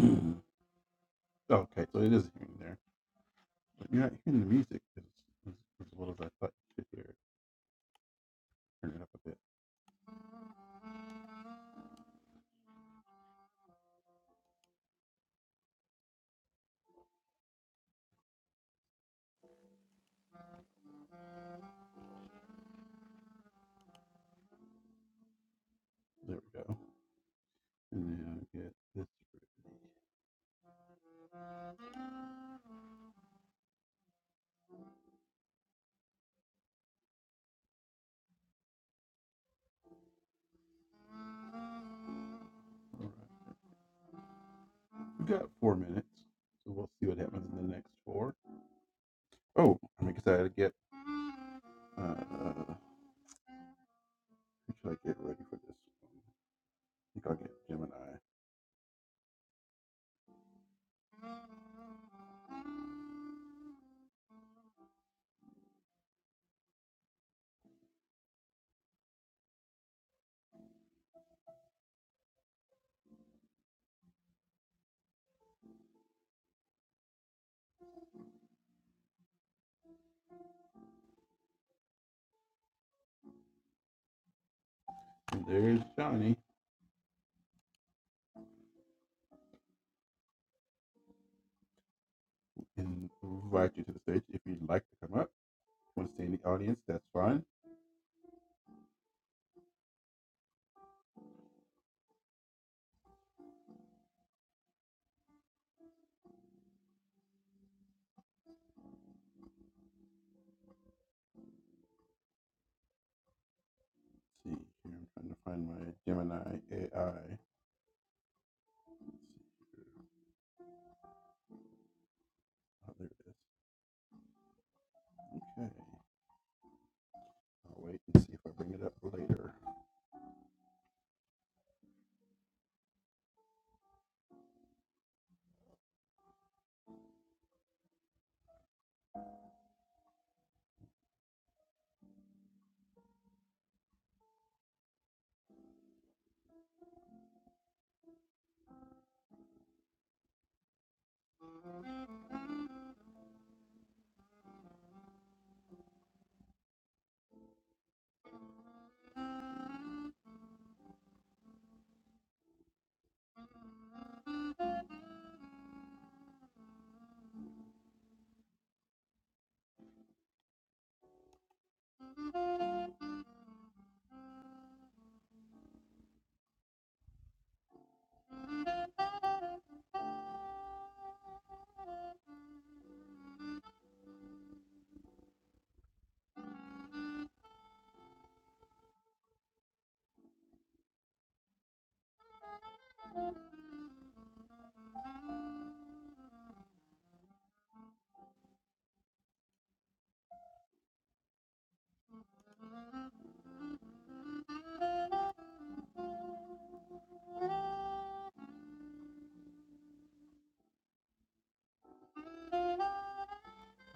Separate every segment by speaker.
Speaker 1: Mhm. Okay, so it is hearing there. But you're not hearing the music as, as, as well as I thought you could hear it. Turn it up a bit. There we go. And then I get this. All right. We've got four minutes, so we'll see what happens in the next four. Oh, I'm excited to get. Uh, who should I get ready for this? I think I'll get Gemini. And there's Johnny. And we'll invite you to the stage if you'd like to come up. Want to stay in the audience? That's fine. Let's see here. I'm trying to find my Gemini AI. Oh, there it is. Okay, I'll wait and see if I bring it up later.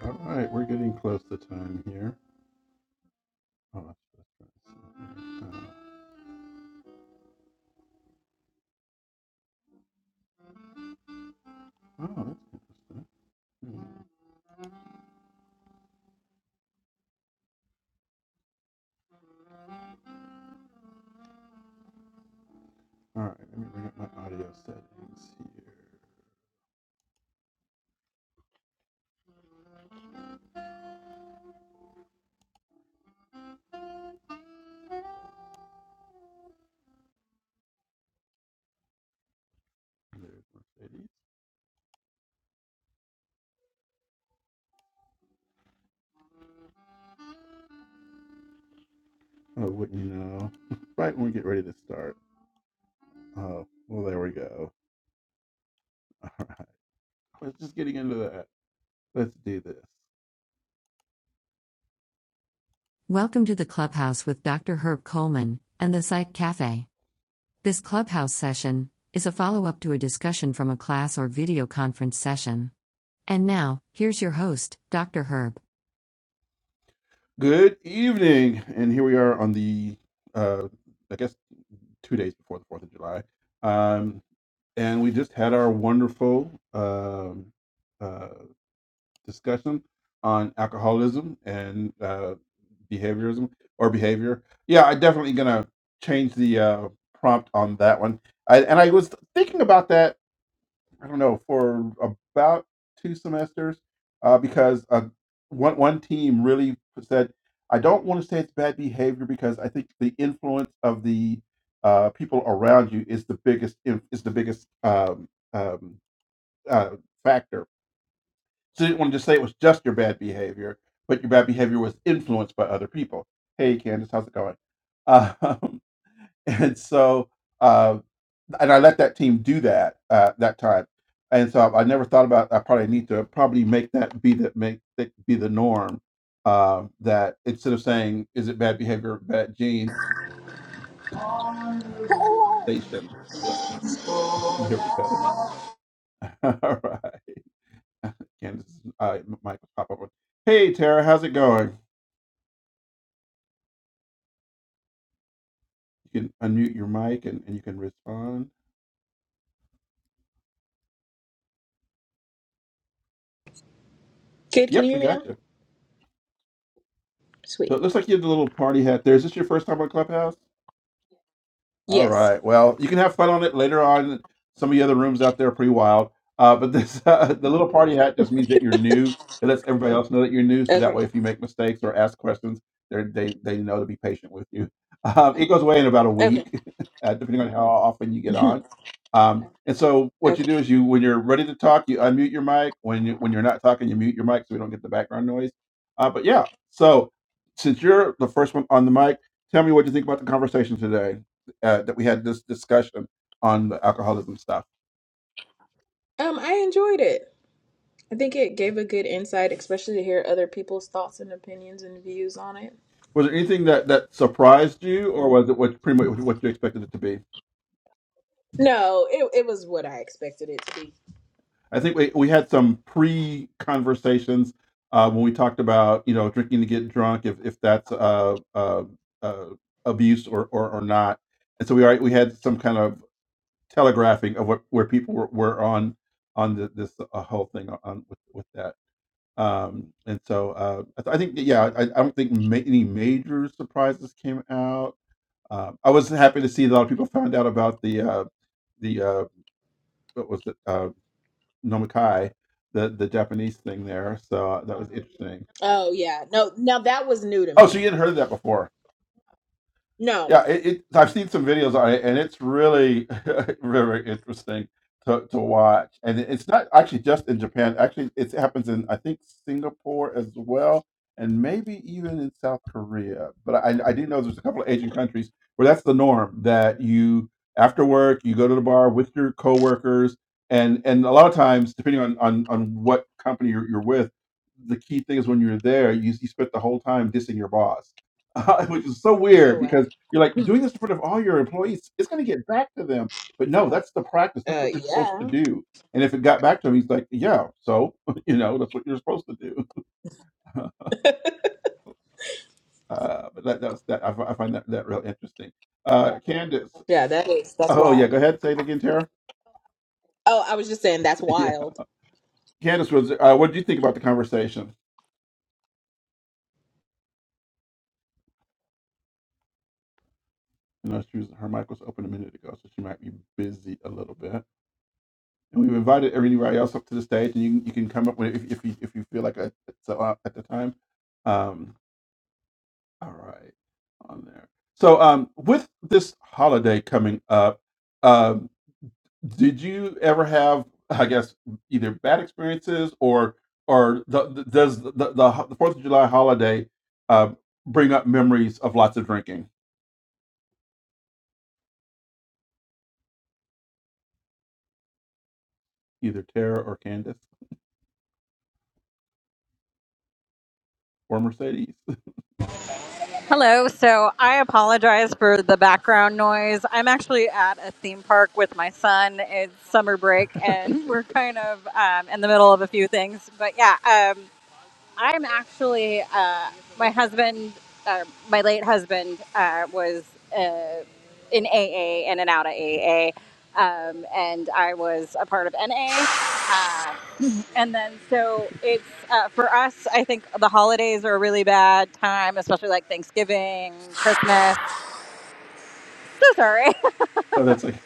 Speaker 1: All right, we're getting close to time here. Oh, that's just right. Uh, oh, that's interesting. Hmm. All right, let me bring up my audio settings here. There's Mercedes. Oh, wouldn't you know? right when we get ready to start. Oh, well, there we go. All right, let's just getting into that. Let's do this. Welcome to the clubhouse with Dr. Herb Coleman and the Psych Cafe. This clubhouse session is a follow up to a discussion from a class or video conference session. And now, here's your host, Dr. Herb. Good evening, and here we are on the, uh, I guess, two days before the Fourth of July, um, and we just had our wonderful um, uh, discussion on alcoholism and uh, behaviorism or behavior. Yeah, I'm definitely gonna change the uh, prompt on that one. I, and I was thinking about that I don't know, for about two semesters, uh, because uh, one one team really said, "I don't want to say it's bad behavior because I think the influence of the uh, people around you is the biggest in- is the biggest um, um, uh, factor." So they didn't want to just say it was just your bad behavior, but your bad behavior was influenced by other people. Hey, Candace, how's it going? Um, and so uh, and I let that team do that uh, that time. And so I, I never thought about. I probably need to probably make that be the make that be the norm. Uh, that instead of saying is it bad behavior, bad genes, station. So here we go. All right, Candace, uh, mic will pop up. with, Hey Tara, how's it going? You can unmute your mic and, and you can respond.
Speaker 2: Good. Can
Speaker 1: Yep,
Speaker 2: you
Speaker 1: we
Speaker 2: hear me now?
Speaker 1: got you. So
Speaker 2: Sweet.
Speaker 1: it looks like you have the little party hat there. Is this your first time on Clubhouse? All
Speaker 2: Yes.
Speaker 1: right. Well, you can have fun on it later on. Some of the other rooms out there are pretty wild. Uh, but this, uh, the little party hat just means that you're new. It lets everybody else know that you're new. So that
Speaker 2: Okay.
Speaker 1: way, if you make mistakes or ask questions, they're, they they know to be patient with you. Um, it goes away in about a
Speaker 2: Okay.
Speaker 1: week, uh, depending on how often you get
Speaker 2: Mhm.
Speaker 1: on. Um, and so what you
Speaker 2: Okay.
Speaker 1: do is you, when you're ready to talk, you unmute your mic. When you, when you're not talking, you mute your mic so we don't get the background noise. Uh, but yeah. So since you're the first one on the mic, tell me what you think about the conversation today uh, that we had this discussion on the alcoholism stuff.
Speaker 2: Um, I enjoyed it. I think it gave a good insight, especially to hear other people's thoughts and opinions and views on it.
Speaker 1: Was there anything that that surprised you, or was it what pretty much what you expected it to be?
Speaker 2: No, it it was what I expected it to be.
Speaker 1: I think we we had some pre conversations uh, when we talked about you know drinking to get drunk, if if that's uh, uh, uh, abuse or, or or not, and so we already we had some kind of telegraphing of what where people were, were on on the, this uh, whole thing on with with that. Um, and so, uh, I th I think, yeah, I I don't think ma any major surprises came out. Uh, I was happy to see that a lot of people found out about the, uh the, uh what was it? Uh, Nomikai, the the Japanese thing there, so uh, that was interesting.
Speaker 2: Oh yeah. No, now that was new to
Speaker 1: Oh, so
Speaker 2: me.
Speaker 1: you hadn't heard of that before?
Speaker 2: No.
Speaker 1: Yeah, it, it, I've seen some videos on it, and it's really, very interesting to, to watch. And it- it's not actually just in Japan. Actually, it happens in I think Singapore as well, and maybe even in South Korea. But I, I do know there's a couple of Asian countries where that's the norm that you after work you go to the bar with your coworkers, and and a lot of times depending on on, on what company you're, you're with, the key thing is when you're there, you, you spent the whole time dissing your boss. which is so weird
Speaker 2: Oh
Speaker 1: because.
Speaker 2: wow.
Speaker 1: You're like, you're doing this in front of all your employees. It's going to get back to them. But no, that's the practice. That's
Speaker 2: Uh
Speaker 1: what you're supposed to
Speaker 2: yeah.
Speaker 1: do. And if it got back to him, he's like, yeah, so, you know, that's what you're supposed to do. Uh, but that, that's that. I, fi- I find that, that real interesting. Uh, Candace.
Speaker 2: Yeah, that is that's
Speaker 1: Oh, yeah.
Speaker 2: wild.
Speaker 1: Go ahead. Say it again, Tara.
Speaker 2: Oh, I was just saying that's
Speaker 1: yeah.
Speaker 2: wild.
Speaker 1: Candace was, uh, what did you think about the conversation? You know, she was, her mic was open a minute ago, so she might be busy a little bit. And we've invited everybody else up to the stage, and you, you can come up with it if, if you if you feel like it, it's uh, at the time. Um, All right, on there. So, um, with this holiday coming up, um, did you ever have, I guess, either bad experiences or or the, the, does the the ho- the Fourth of July holiday uh, bring up memories of lots of drinking, either Tara or Candace or Mercedes?
Speaker 3: Hello. So I apologize for the background noise. I'm actually at a theme park with my son. It's summer break, and we're kind of um, in the middle of a few things. But yeah, um, I'm actually uh, my husband, uh, my late husband, uh, was uh, in AA in and out of AA, um, and I was a part of NA. And then, so it's uh, for us, I think the holidays are a really bad time, especially like Thanksgiving, Christmas. so sorry.
Speaker 1: Oh, that's like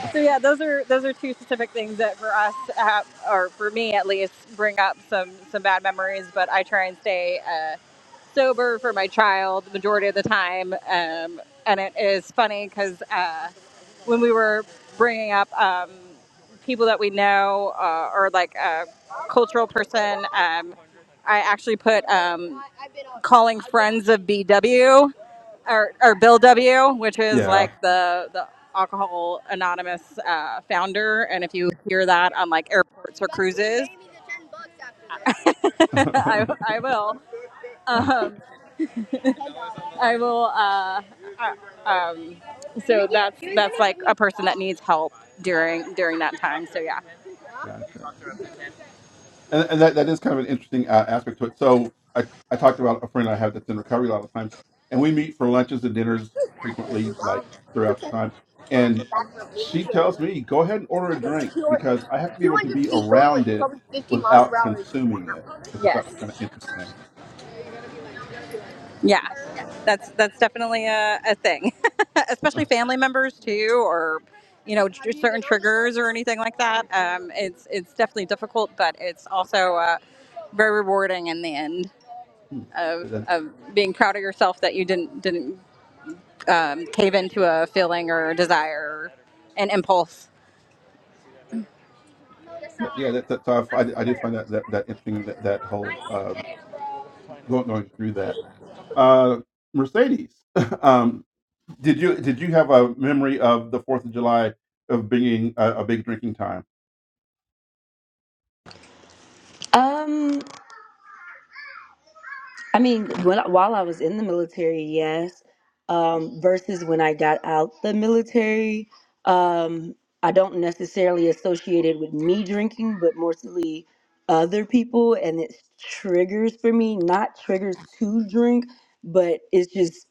Speaker 3: so yeah, those are those are two specific things that for us, have, or for me at least, bring up some some bad memories. But I try and stay uh, sober for my child the majority of the time. Um, and it is funny because uh, when we were bringing up um, people that we know uh, or like a cultural person, um, I actually put um, calling friends of BW. or, or Bill W, which is
Speaker 1: yeah.
Speaker 3: like the the Alcohol Anonymous uh, founder. And if you hear that on like airports or cruises, I, I will. Um, I will. Uh, so that's that's like a person that needs help during during that time. So yeah.
Speaker 1: Gotcha. Yeah. and, and that, that is kind of an interesting uh, aspect to it. So I, I talked about a friend I have that's in recovery a lot of times, and we meet for lunches and dinners frequently, like throughout the time. And uh, she tells me, "Go ahead and order a drink because I have to be able to be around it without consuming it," which I
Speaker 3: Yes.
Speaker 1: thought was kind of interesting.
Speaker 3: yeah. that's that's definitely a, a thing especially family members too or you know tr- certain triggers or anything like that um, it's it's definitely difficult but it's also uh, very rewarding in the end
Speaker 1: Hmm.
Speaker 3: of,
Speaker 1: That-
Speaker 3: of being proud of yourself that you didn't didn't um, cave into a feeling or desire an impulse
Speaker 1: that- yeah, that, that's how I, find- I do find that that, that interesting that, that whole uh, going going through that. Uh, Mercedes, um, Did you did you have a memory of the Fourth of July of being a, a big drinking time?
Speaker 4: Um, I mean, when, while I was in the military, yes. Um, versus when I got out the military, um, I don't necessarily associate it with me drinking, but mostly other people, and it's triggers for me. Not triggers to drink, but it's just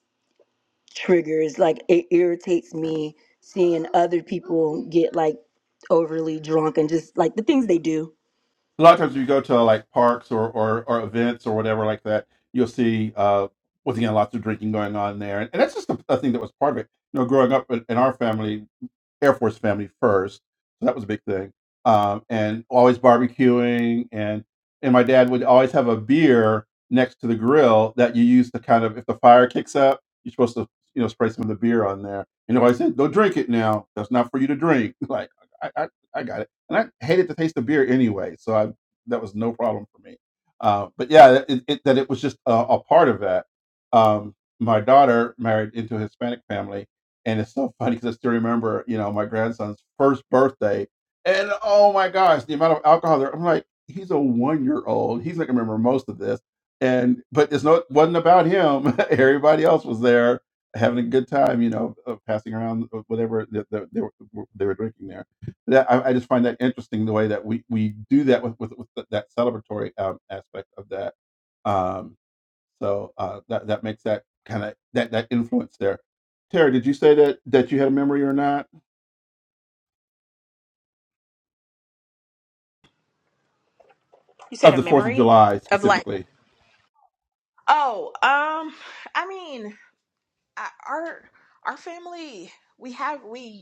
Speaker 4: triggers. Like it irritates me seeing other people get like overly drunk and just like the things
Speaker 1: Yeah.
Speaker 4: they do.
Speaker 1: a lot of times you go to like parks or, or, or events or whatever like that, you'll see uh, once again lots of drinking going on there, and, and that's just a, a thing that was part of it. You know, growing up in, in our family, Air Force family first, so that was a big thing, um, and always barbecuing, and and my dad would always have a beer next to the grill that you use to kind of if the fire kicks up, you're supposed to you know spray some of the beer on there, and he always said, "Don't drink it now. That's not for you to drink." Like I I, I got it and I hated the taste of beer anyway. So I that was no problem for me. Uh, but yeah, it, it, that it was just a, a part of that. Um, my daughter married into a Hispanic family, and it's so funny because I still remember, you know, my grandson's first birthday, and oh my gosh, the amount of alcohol there. I'm like, he's a one year old. He's not gonna remember most of this, and but it's not wasn't about him. Everybody else was there having a good time, you know, uh, passing around uh, whatever that that they were, they were drinking there that I, I just find that interesting the way that we, we do that with with, with th- that celebratory um, aspect of that. Um, so uh, that that makes that kind of that that influence there. Terry, did you say that that you had a memory or not
Speaker 2: You said
Speaker 1: of
Speaker 2: a
Speaker 1: the Fourth of
Speaker 2: memory
Speaker 1: July
Speaker 2: of like
Speaker 1: specifically?
Speaker 2: Oh, um I mean, I- our our family we have we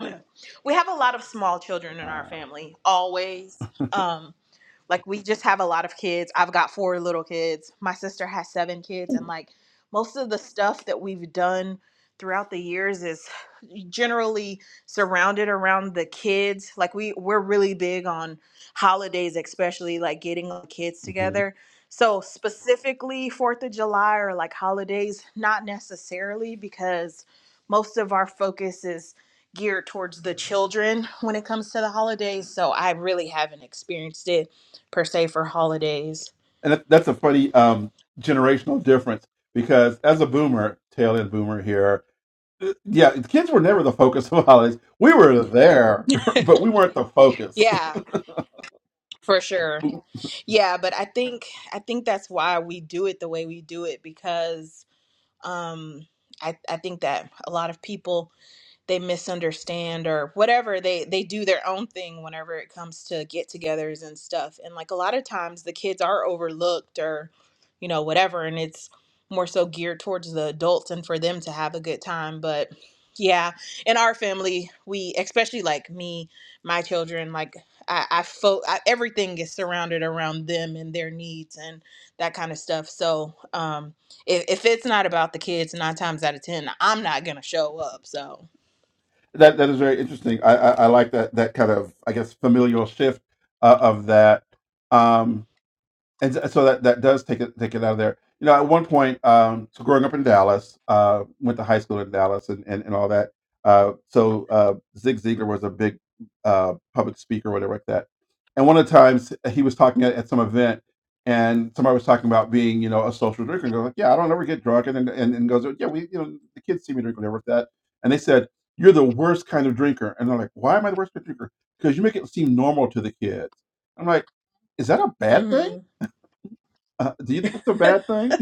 Speaker 2: we have a lot of small children in our
Speaker 1: Uh,
Speaker 2: family always. Um, like we just have a lot of kids. I've got four little kids. My sister has seven kids and like most of the stuff that we've done throughout the years is generally surrounded around the kids. Like we we're really big on holidays, especially like getting the kids
Speaker 1: mhm.
Speaker 2: together. So specifically 4th of July or like holidays, not necessarily because most of our focus is geared towards the children when it comes to the holidays. So I really haven't experienced it per se for holidays
Speaker 1: And that, that's a funny um, generational difference because as a boomer, tail end boomer here, uh, yeah, the kids were never the focus of holidays. We were there, but we weren't the focus.
Speaker 2: Yeah, for sure. yeah, but I think I think that's why we do it the way we do it because um I I think that a lot of people they misunderstand or whatever they they do their own thing whenever it comes to get-togethers and stuff and like a lot of times the kids are overlooked or you know whatever and it's more so geared towards the adults and for them to have a good time but yeah in our family we especially like me my children like i i, fo- I everything is surrounded around them and their needs and that kind of stuff so um if, if it's not about the kids nine times out of ten i'm not gonna show up so
Speaker 1: That that is very interesting. I I, I like that that kind of I guess familial shift uh, of that. Um, and s- so that that does take it take it out of there. You know, at one point, um, so growing up in Dallas, uh, went to high school in Dallas and and, and all that. Uh, so uh, Zig Ziglar was a big uh, public speaker, whatever like that. And one of the times he was talking at, at some event, and somebody was talking about being, you know, a social drinker. And goes like, "Yeah, I don't ever get drunk," and then- and, and goes, "Yeah, we, you know, the kids see me drink whatever like that." And they said, "You're the worst kind of drinker." And they're like, "Why am I the worst kind of drinker?" Because you make it seem normal to the kids. I'm like, "Is that a bad thing?"
Speaker 2: hmm
Speaker 1: Uh, do you think it's a bad thing?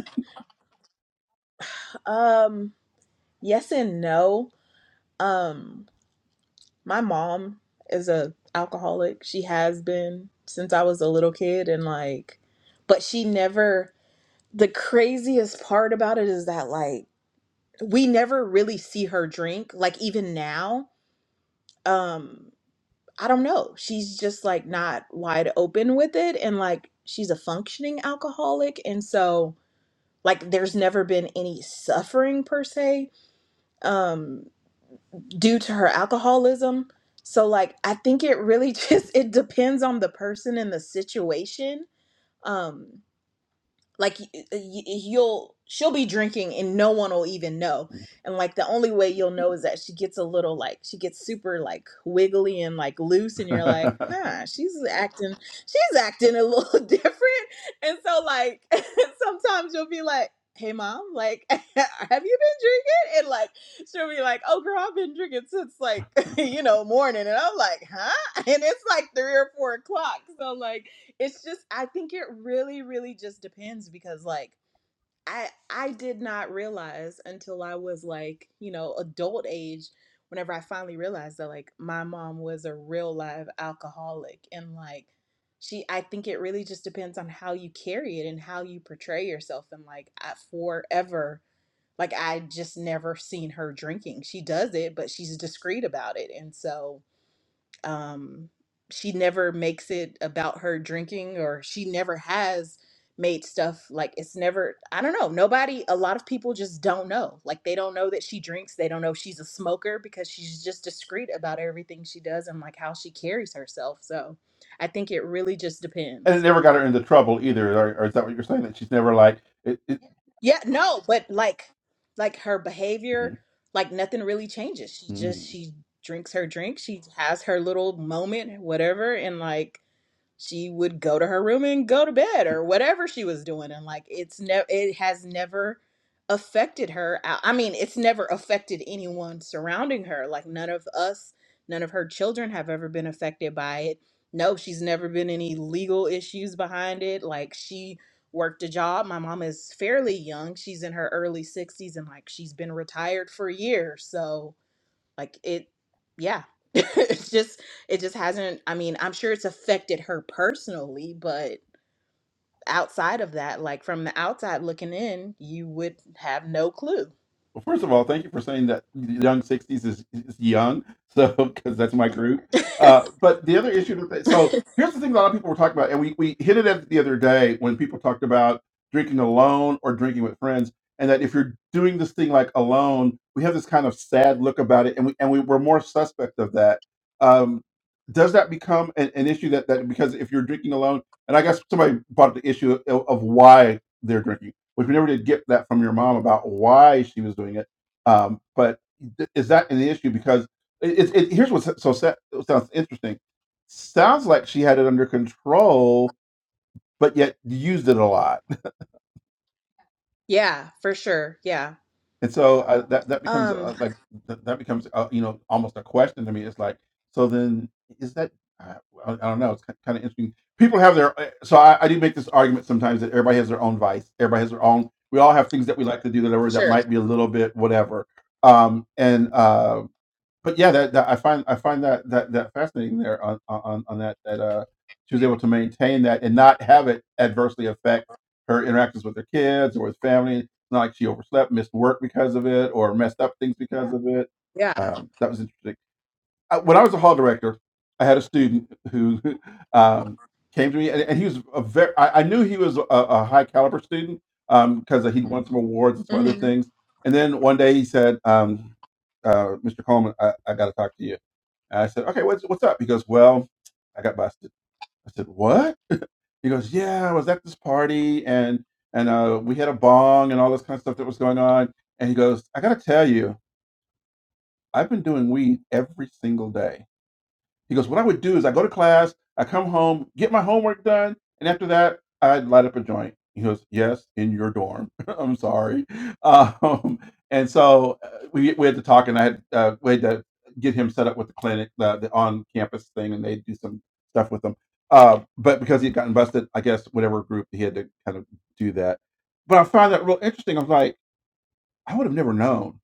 Speaker 2: Um, yes and no. Um, my mom is a alcoholic. She has been since I was a little kid and like but she never the craziest part about it is that like we never really see her drink. Like even now, um, I don't know. She's just like not wide open with it and like she's a functioning alcoholic and so like there's never been any suffering per se. Um due to her alcoholism. So like I think it really just it depends on the person and the situation. Um like y- uh, y- you'll she'll be drinking and no one will even know and like the only way you'll know is that she gets a little like she gets super like wiggly and like loose and you're like
Speaker 1: and
Speaker 2: huh she's acting she's acting a little different and so like sometimes you'll be like hey mom like have you been drinking and like she'll be like oh girl i've been drinking since like you know morning and i'm like huh and it's like three or four o'clock so like it's just i think it really really just depends because like i i did not realize until i was like you know adult age whenever i finally realized that like my mom was a real live alcoholic and like she i think it really just depends on how you carry it and how you portray yourself and like I, forever like i just never seen her drinking she does it but she's discreet about it and so um she never makes it about her drinking or she never has made stuff like it's never I don't know nobody a lot of people just don't know like they don't know that she drinks they don't know if she's a smoker because she's just discreet about everything she does and like how she carries herself so I think it really just
Speaker 1: it
Speaker 2: depends
Speaker 1: never got her into trouble either. Or, or is that what you're saying? That she's never like it. it
Speaker 2: yeah no but like like her behavior
Speaker 1: Mhm.
Speaker 2: like nothing really changes she just
Speaker 1: Mhm.
Speaker 2: she drinks her drink she has her little moment whatever and like she would go to her room and go to bed or whatever she was doing and like it's never it has never affected her i I mean it's never affected anyone surrounding her like none of us none of her children have ever been affected by it no she's never been any legal issues behind it like she worked a job my mom is fairly young she's in her early 60s and like she's been retired for years so like it yeah it's just it just hasn't i mean i'm sure it's affected her personally but outside of that like from the outside looking in you would have no clue
Speaker 1: Well, first of all, thank you for saying that young 60s is, is young, so because that's my group. Uh, but the other issue, that they- so here's the thing a lot of people were talking about, and we, we hit it at the other day when people talked about drinking alone or drinking with friends, and that if you're doing this thing like alone, we have this kind of sad look about it, and we and we were more suspect of that. Um, does that become an, an issue that that because if you're drinking alone, and I guess somebody brought up the issue of, of why they're drinking which we never did get that from your mom about why she was doing it. Um, but th- is that an issue? Because it, it, here's what's so sa- sounds interesting. Sounds like she had it under control, but yet used it a lot
Speaker 2: yeah for sure yeah
Speaker 1: And so I, that that becomes
Speaker 2: um
Speaker 1: uh, like that, that becomes uh, you know almost a question to me. It's like so then is that I, I don't know. It's kind of interesting. People have their uh, so I, I do make this argument sometimes that everybody has their own vice. Everybody has their own. We all have things that we like to do that are that
Speaker 2: sure
Speaker 1: might be a little bit whatever. Um, and uh, but yeah, that, that I find I find that that that fascinating there on on on that that uh she was able to maintain that and not have it adversely affect her interactions with her kids or with family. It's not like she overslept, missed work because of it, or messed up things because of it.
Speaker 2: yeah
Speaker 1: Um, that was interesting. I, when I was a hall director, I had a student who um, came to me, and, and he was a very. I, I knew he was a, a high caliber student because he'd won some awards and some other
Speaker 2: hmm
Speaker 1: things. And then one day he said, um, uh, "Mr. Coleman, I, I got to talk to you." And I said, "Okay, what's what's up?" He goes, "Well, I got busted." I said, "What?" He goes, "Yeah, I was at this party, and and uh, we had a bong and all this kind of stuff that was going on." And he goes, "I got to tell you, I've been doing weed every single day." He goes, What I would do is I go to class, I come home, get my homework done, and after that, I'd light up a joint. He goes, Yes, in your dorm. I'm sorry. Um, and so uh, we, we had to talk, and I had, uh, we had to get him set up with the clinic, the, the on campus thing, and they do some stuff with him. Uh, but because he had gotten busted, I guess whatever group he had to kind of do that. But I found that real interesting. I was like, I would have never known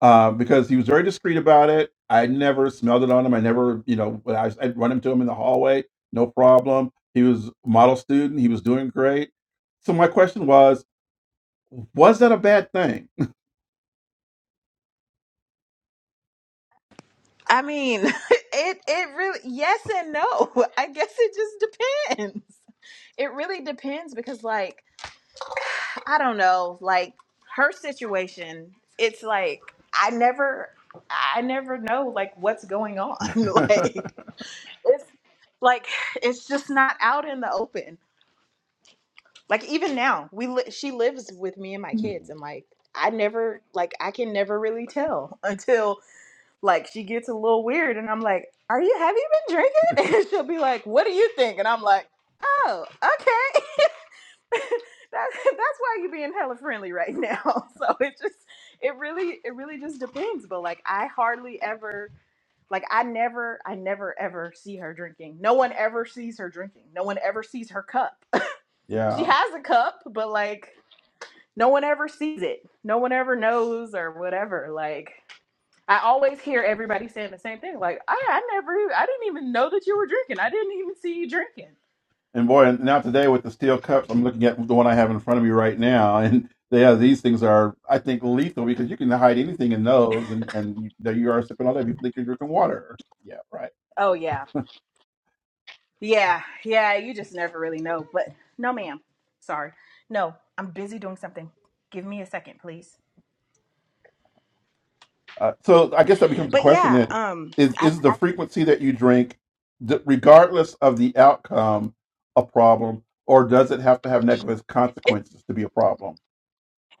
Speaker 1: uh, because he was very discreet about it. I never smelled it on him. I never, you know, when I, I'd run into him in the hallway, no problem. He was a model student. He was doing great. So my question was, was that a bad thing?
Speaker 2: i mean it it really yes and no i guess it just depends it really depends because like I don't know, like her situation, it's like I never I never know like what's going on. like it's like it's just not out in the open. Like even now, we li- she lives with me and my
Speaker 1: Hmm,
Speaker 2: kids and like I never like I can never really tell until like she gets a little weird and I'm like, "Are you have you been drinking?" and she'll be like, "What do you think?" and I'm like, "Oh, okay." that's that's why you're being hella friendly right now. So it just it really it really just depends. But like I hardly ever like I never I never ever see her drinking. No one ever sees her drinking. No one ever sees her cup. she
Speaker 1: yeah.
Speaker 2: has a cup, but like no one ever sees it. No one ever knows or whatever. Like I always hear everybody saying the same thing. Like I I never I didn't even know that you were drinking. I didn't even see you drinking.
Speaker 1: And boy, and now today with the steel cups, I'm looking at the one I have in front of me right now, and yeah, these things are, I think, lethal because you can hide anything in those, and and you, there you are sipping on that. You think you're drinking water. Yeah, right.
Speaker 2: Oh yeah. Yeah, yeah, you just never really know. But no, ma'am. Sorry. No, I'm busy doing something. Give me a second, please.
Speaker 1: Uh, so I guess that becomes the
Speaker 2: But
Speaker 1: question
Speaker 2: yeah,
Speaker 1: then:
Speaker 2: um
Speaker 1: is
Speaker 2: I,
Speaker 1: is the
Speaker 2: I
Speaker 1: frequency that you drink, d- regardless of the outcome, a problem, or does it have to have negative
Speaker 2: it's,
Speaker 1: consequences to be a problem?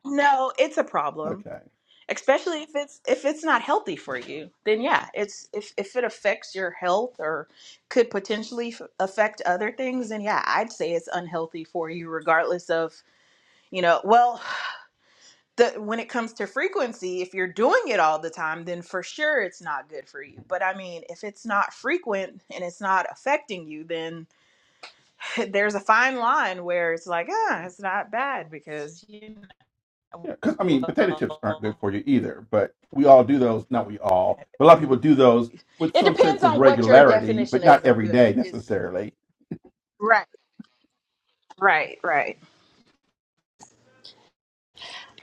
Speaker 2: no, it's a problem.
Speaker 1: Okay.
Speaker 2: Especially if it's if it's not healthy for
Speaker 1: yeah.
Speaker 2: you, then yeah, it's if if it affects your health or could potentially f- affect other things, then yeah, I'd say it's unhealthy for you, regardless of you know. Well, the when it comes to frequency, if you're doing it all the time, then for sure it's not good for you. But I mean, if it's not frequent and it's not affecting you, then there's a fine line where it's like, ah, it's not bad because you know,
Speaker 1: Yeah, because I mean, potato chips aren't good
Speaker 2: well,
Speaker 1: for you either, but we all do those. Not we all, but a lot of people do those with
Speaker 2: it
Speaker 1: some sense
Speaker 2: depends
Speaker 1: of
Speaker 2: on what your
Speaker 1: regularity,
Speaker 2: definition
Speaker 1: but
Speaker 2: is
Speaker 1: not
Speaker 2: of
Speaker 1: every
Speaker 2: good or
Speaker 1: day
Speaker 2: is
Speaker 1: necessarily.
Speaker 2: right, right, right,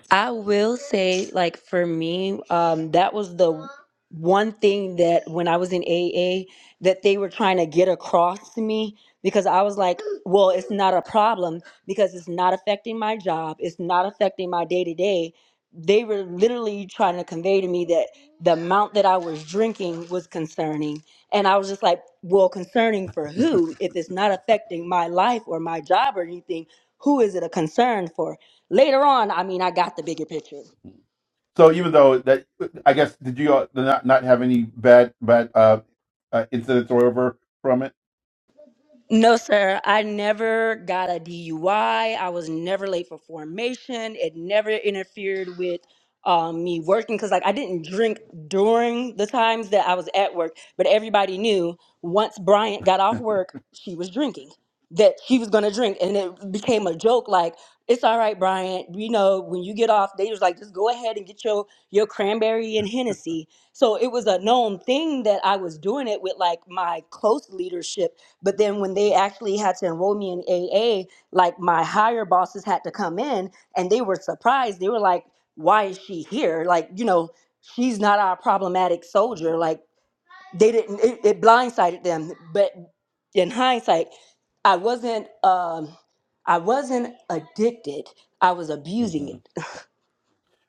Speaker 4: I will say, like for me, um, that was the one thing that when I was in AA that they were trying to get across to me because I was like, well, it's not a problem because it's not affecting my job, it's not affecting my day to day. They were literally trying to convey to me that the amount that I was drinking was concerning. And I was just like, well, concerning for who? If it's not affecting my life or my job or anything, who is it a concern for? Later on, I mean, I got the bigger picture.
Speaker 1: So even though that, I guess, did you all not not have any bad bad uh, uh incidents or whatever from it?
Speaker 4: No, sir. I never got a DUI. I I was never late for formation. It never interfered with um, me working because, like, I didn't drink during the times that I was at work. But everybody knew once Bryant got off work, she was drinking. That she was gonna drink, and it became a joke. Like, it's all right, Bryant. You know, when you get off, they was like, just go ahead and get your your cranberry and Hennessy. So it was a known thing that I was doing it with, like my close leadership but then when they actually had to enroll me in AA, like my higher bosses had to come in and they were surprised. They were like, why is she here? Like, you know, she's not our problematic soldier. Like, they didn't, it, it blindsided them. But in hindsight, I wasn't, um, I wasn't addicted. I was abusing
Speaker 1: Mm-hmm.
Speaker 4: it.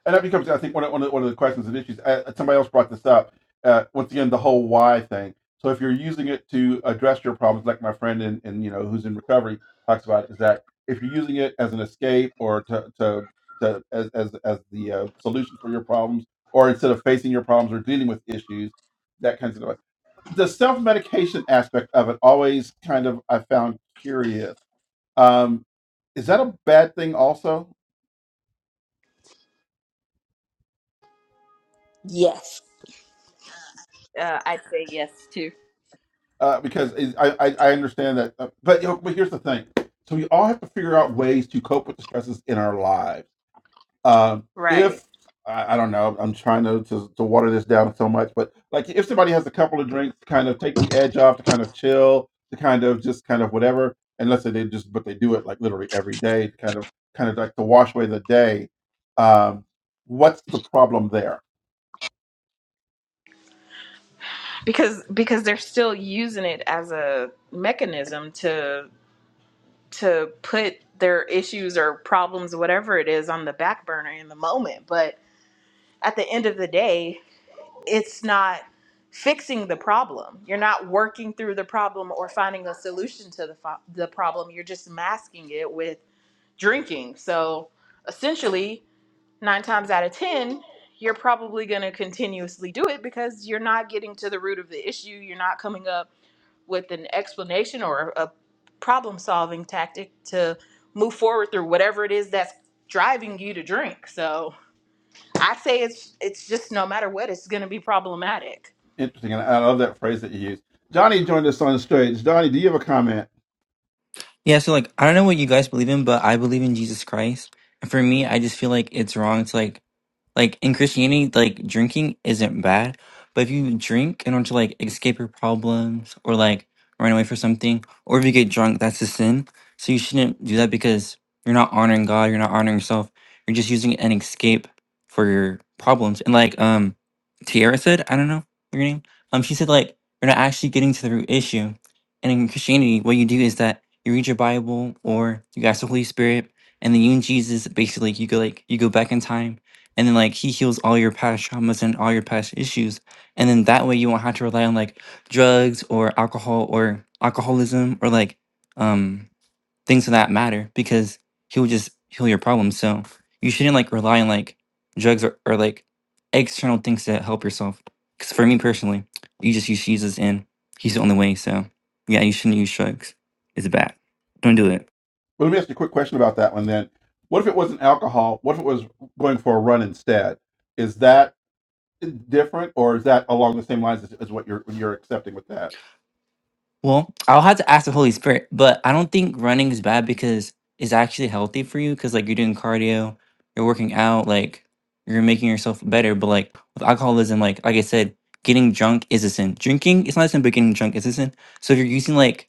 Speaker 1: and that becomes, I think, one of, one of, one of the questions and issues. Uh, somebody else brought this up. Uh, once again, the whole why thing. So if you're using it to address your problems, like my friend and, and you know who's in recovery talks about, is that if you're using it as an escape or to to, to as, as as the uh, solution for your problems, or instead of facing your problems or dealing with issues, that kind of stuff. The self medication aspect of it always kind of I found curious. Um, is that a bad thing also?
Speaker 4: Yes.
Speaker 2: Uh, I'd say yes too.
Speaker 1: uh, because I, I I understand that. uh, But you know, but here's the thing: so we all have to figure out ways to cope with the stresses in our lives. Um,
Speaker 2: right.
Speaker 1: if I, I don't know, I'm trying to, to to water this down so much, but like if somebody has a couple of drinks, to kind of take the edge off, to kind of chill, to kind of just kind of whatever. And let's say they just, but they do it like literally every day, to kind of kind of like to wash away the day. Um, what's the problem there?
Speaker 2: Because because they're still using it as a mechanism to. to put their issues or problems, whatever it is, on the back burner in the moment. But at the end of the day, it's not fixing the problem. You're not working through the problem or finding a solution to the, fo- the problem. You're just masking it with drinking. So essentially, nine times out of 10, you're probably going to continuously do it because you're not getting to the root of the issue. You're not coming up with an explanation or a problem solving tactic to move forward through whatever it is that's driving you to drink. So I'd say it's it's just no matter what, it's gonna be problematic.
Speaker 1: Interesting, and I love that phrase that you use. Johnny joined us on stage. Johnny, do you have a comment?
Speaker 5: Yeah, so like I don't know what you guys believe in, but I believe in Jesus Christ. And for me, I just feel like it's wrong to like like in Christianity, like drinking isn't bad, but if you drink in order to like escape your problems or like run away for something, or if you get drunk, that's a sin. So you shouldn't do that because you're not honoring God, you're not honoring yourself. You're just using an escape for your problems. And like um Tiara said, I don't know your name. Um, she said like you're not actually getting to the root issue. And in Christianity, what you do is that you read your Bible or you ask the Holy Spirit, and then you and Jesus basically you go like you go back in time and then like he heals all your past traumas and all your past issues and then that way you won't have to rely on like drugs or alcohol or alcoholism or like um things of that matter because he'll just heal your problems so you shouldn't like rely on like drugs or, or like external things to help yourself because for me personally you just use jesus and he's the only way so yeah you shouldn't use drugs it's bad don't do it
Speaker 1: Well, let me ask you a quick question about that one then. What if it wasn't alcohol? What if it was going for a run instead? Is that different, or is that along the same lines as, as what you're you're accepting with that?
Speaker 5: Well, I'll have to ask the Holy Spirit, but I don't think running is bad because it's actually healthy for you because, like, you're doing cardio, you're working out, like, you're making yourself better. But, like, with alcoholism, like, like I said, getting drunk is a sin. Drinking, it's not a sin, but getting drunk is a sin. So, if you're using, like,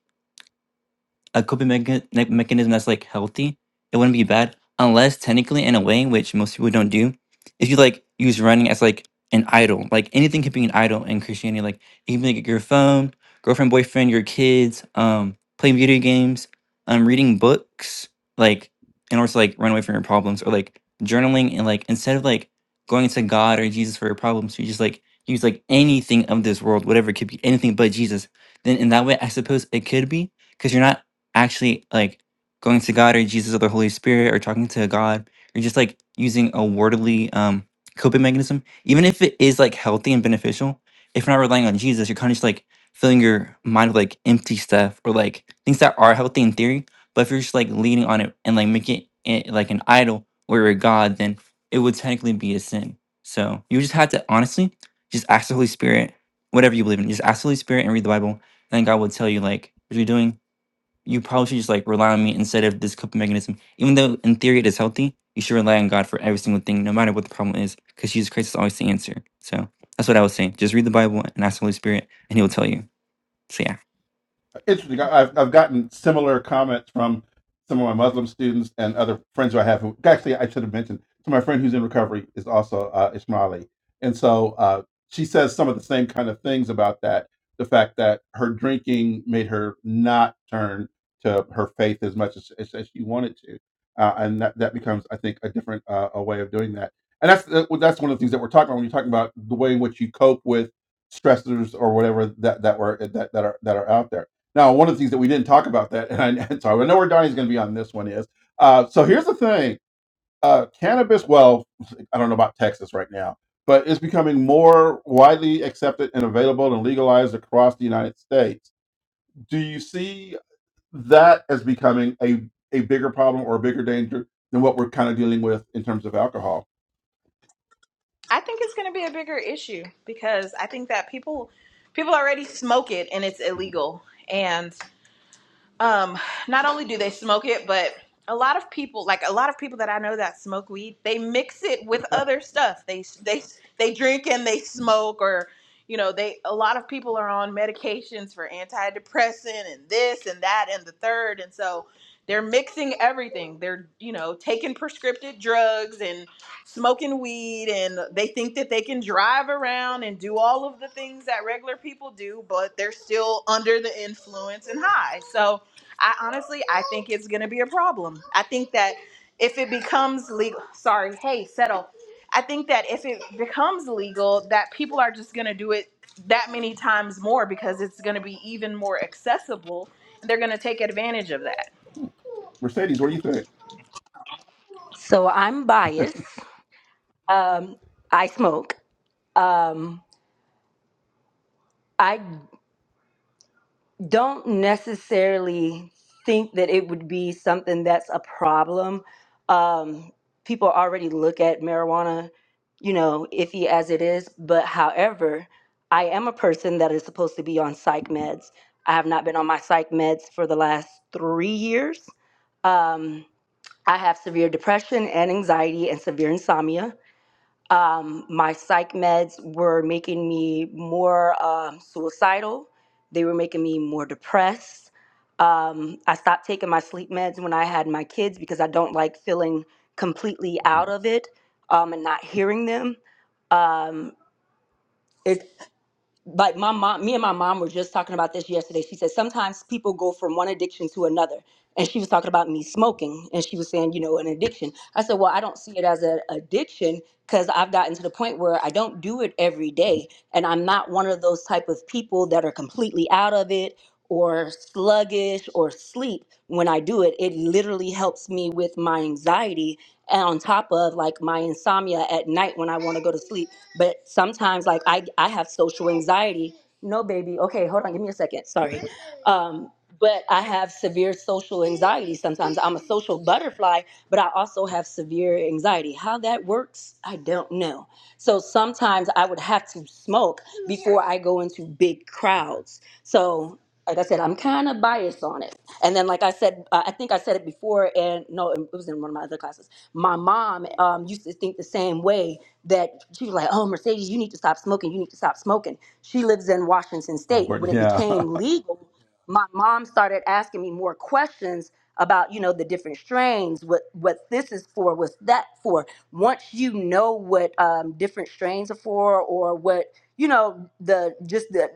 Speaker 5: a coping mecha- ne- mechanism that's like healthy, it wouldn't be bad unless technically in a way which most people don't do, if you like use running as like an idol, like anything could be an idol in Christianity, like even like your phone, girlfriend, boyfriend, your kids, um, playing video games, um, reading books, like in order to like run away from your problems or like journaling and like instead of like going to God or Jesus for your problems, you just like use like anything of this world, whatever it could be, anything but Jesus. Then in that way, I suppose it could be because you're not actually like going to God or Jesus or the Holy Spirit or talking to God or just like using a worldly um coping mechanism, even if it is like healthy and beneficial, if you're not relying on Jesus, you're kind of just like filling your mind with like empty stuff or like things that are healthy in theory. But if you're just like leaning on it and like making it eh, like an idol or a god, then it would technically be a sin. So you just had to honestly just ask the Holy Spirit, whatever you believe in, just ask the Holy Spirit and read the Bible. Then God will tell you like what you're doing you probably should just like rely on me instead of this coping mechanism. Even though in theory it is healthy, you should rely on God for every single thing, no matter what the problem is, because Jesus Christ is always the answer. So that's what I would say. Just read the Bible and ask the Holy Spirit, and He will tell you. So yeah.
Speaker 1: interesting. I- have I've gotten similar comments from some of my Muslim students and other friends who I have. Who, actually, I should have mentioned. So my friend who's in recovery is also uh, Ismaili, and so uh, she says some of the same kind of things about that. The fact that her drinking made her not turn to her faith as much as, as, as she wanted to, uh, and that, that becomes, I think, a different uh, a way of doing that. And that's uh, well, that's one of the things that we're talking about when you're talking about the way in which you cope with stressors or whatever that that were that, that are that are out there now, one of the things that we didn't talk about that, and I, so I know where Donnie's going to be on this one is. Uh, so here's the thing: uh, cannabis. Well, I don't know about Texas right now, but it's becoming more widely accepted and available and legalized across the United States. Do you see that as becoming a a bigger problem or a bigger danger than what we're kind of dealing with in terms of alcohol?
Speaker 2: I think it's gonna be a bigger issue because I think that people people already smoke it and it's illegal. and. um not only do they smoke it but a lot of people like a lot of people that i know that smoke weed they mix it with other stuff they they they drink and they smoke or you know they a lot of people are on medications for antidepressant and this and that and the third and so they're mixing everything they're you know taking prescriptive drugs and smoking weed and they think that they can drive around and do all of the things that regular people do but they're still under the influence and high so I honestly, I think it's going to be a problem. I think that if it becomes legal, sorry, hey, settle. I think that if it becomes legal, that people are just going to do it that many times more because it's going to be even more accessible. And they're going to take advantage of that.
Speaker 1: Mercedes, what do you think?
Speaker 4: So I'm biased. Um, I smoke. Um, I don't necessarily think that it would be something that's a problem. Um, people already look at marijuana, you know, iffy as it is. But however, I am a person that is supposed to be on psych meds. I have not been on my psych meds for the last three years. Um, I have severe depression and anxiety and severe insomnia. Um, my psych meds were making me more um, suicidal. They were making me more depressed. Um, I stopped taking my sleep meds when I had my kids because I don't like feeling completely
Speaker 1: Mhm.
Speaker 4: out of it um, and not hearing them. Um, it, like my mom me and my mom were just talking about this yesterday she said sometimes people go from one addiction to another and she was talking about me smoking and she was saying you know an addiction i said well i don't see it as an addiction because i've gotten to the point where i don't do it every day and i'm not one of those type of people that are completely out of it or sluggish or sleep when i do it it literally helps me with my anxiety and on top of like my insomnia at night when i want to go to sleep but sometimes, like I, I have social anxiety. No, baby. Okay, hold on. Give me a second. Sorry. Um, but I have severe social anxiety. Sometimes I'm a social butterfly, but I also have severe anxiety. How that works, I don't know. So sometimes I would have to smoke before I go into big crowds. So, like I said, I'm kind of biased on it. And then, like I said, uh, I think I said it before, and no, it was in one of my other classes. My mom um, used to think the same way that she was like, "Oh, Mercedes, you need to stop smoking. You need to stop smoking." She lives in Washington
Speaker 1: Oh,
Speaker 4: State.
Speaker 1: where-
Speaker 4: When it
Speaker 1: yeah.
Speaker 4: became legal, my mom started asking me more questions about, you know, the different strains, what what this is for, what's that for. Once you know what um, different strains are for, or what you know, the just the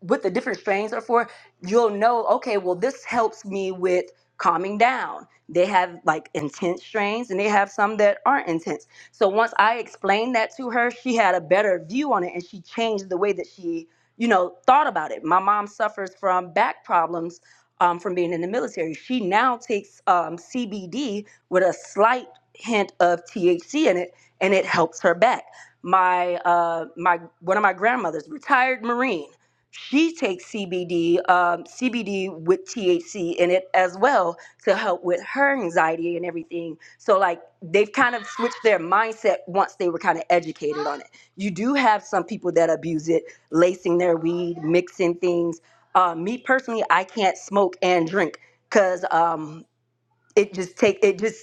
Speaker 4: what the different strains are for, you'll know. Okay, well, this helps me with calming down. They have like intense strains, and they have some that aren't intense so once I explained that to her, she had a better view on it and she changed the way that she, you know, thought about it. My mom suffers from back problems um, from being in the military. She now takes um, CBD with a slight hint of THC in it and it helps her back. My uh, my one of my grandmothers, retired Marine. She takes CBD, um, CBD with THC in it as well to help with her anxiety and everything. So, like, they've kind of switched their mindset once they were kind of educated on it. You do have some people that abuse it, lacing their weed, mixing things. Uh, me personally, I can't smoke and drink because um, it just take it just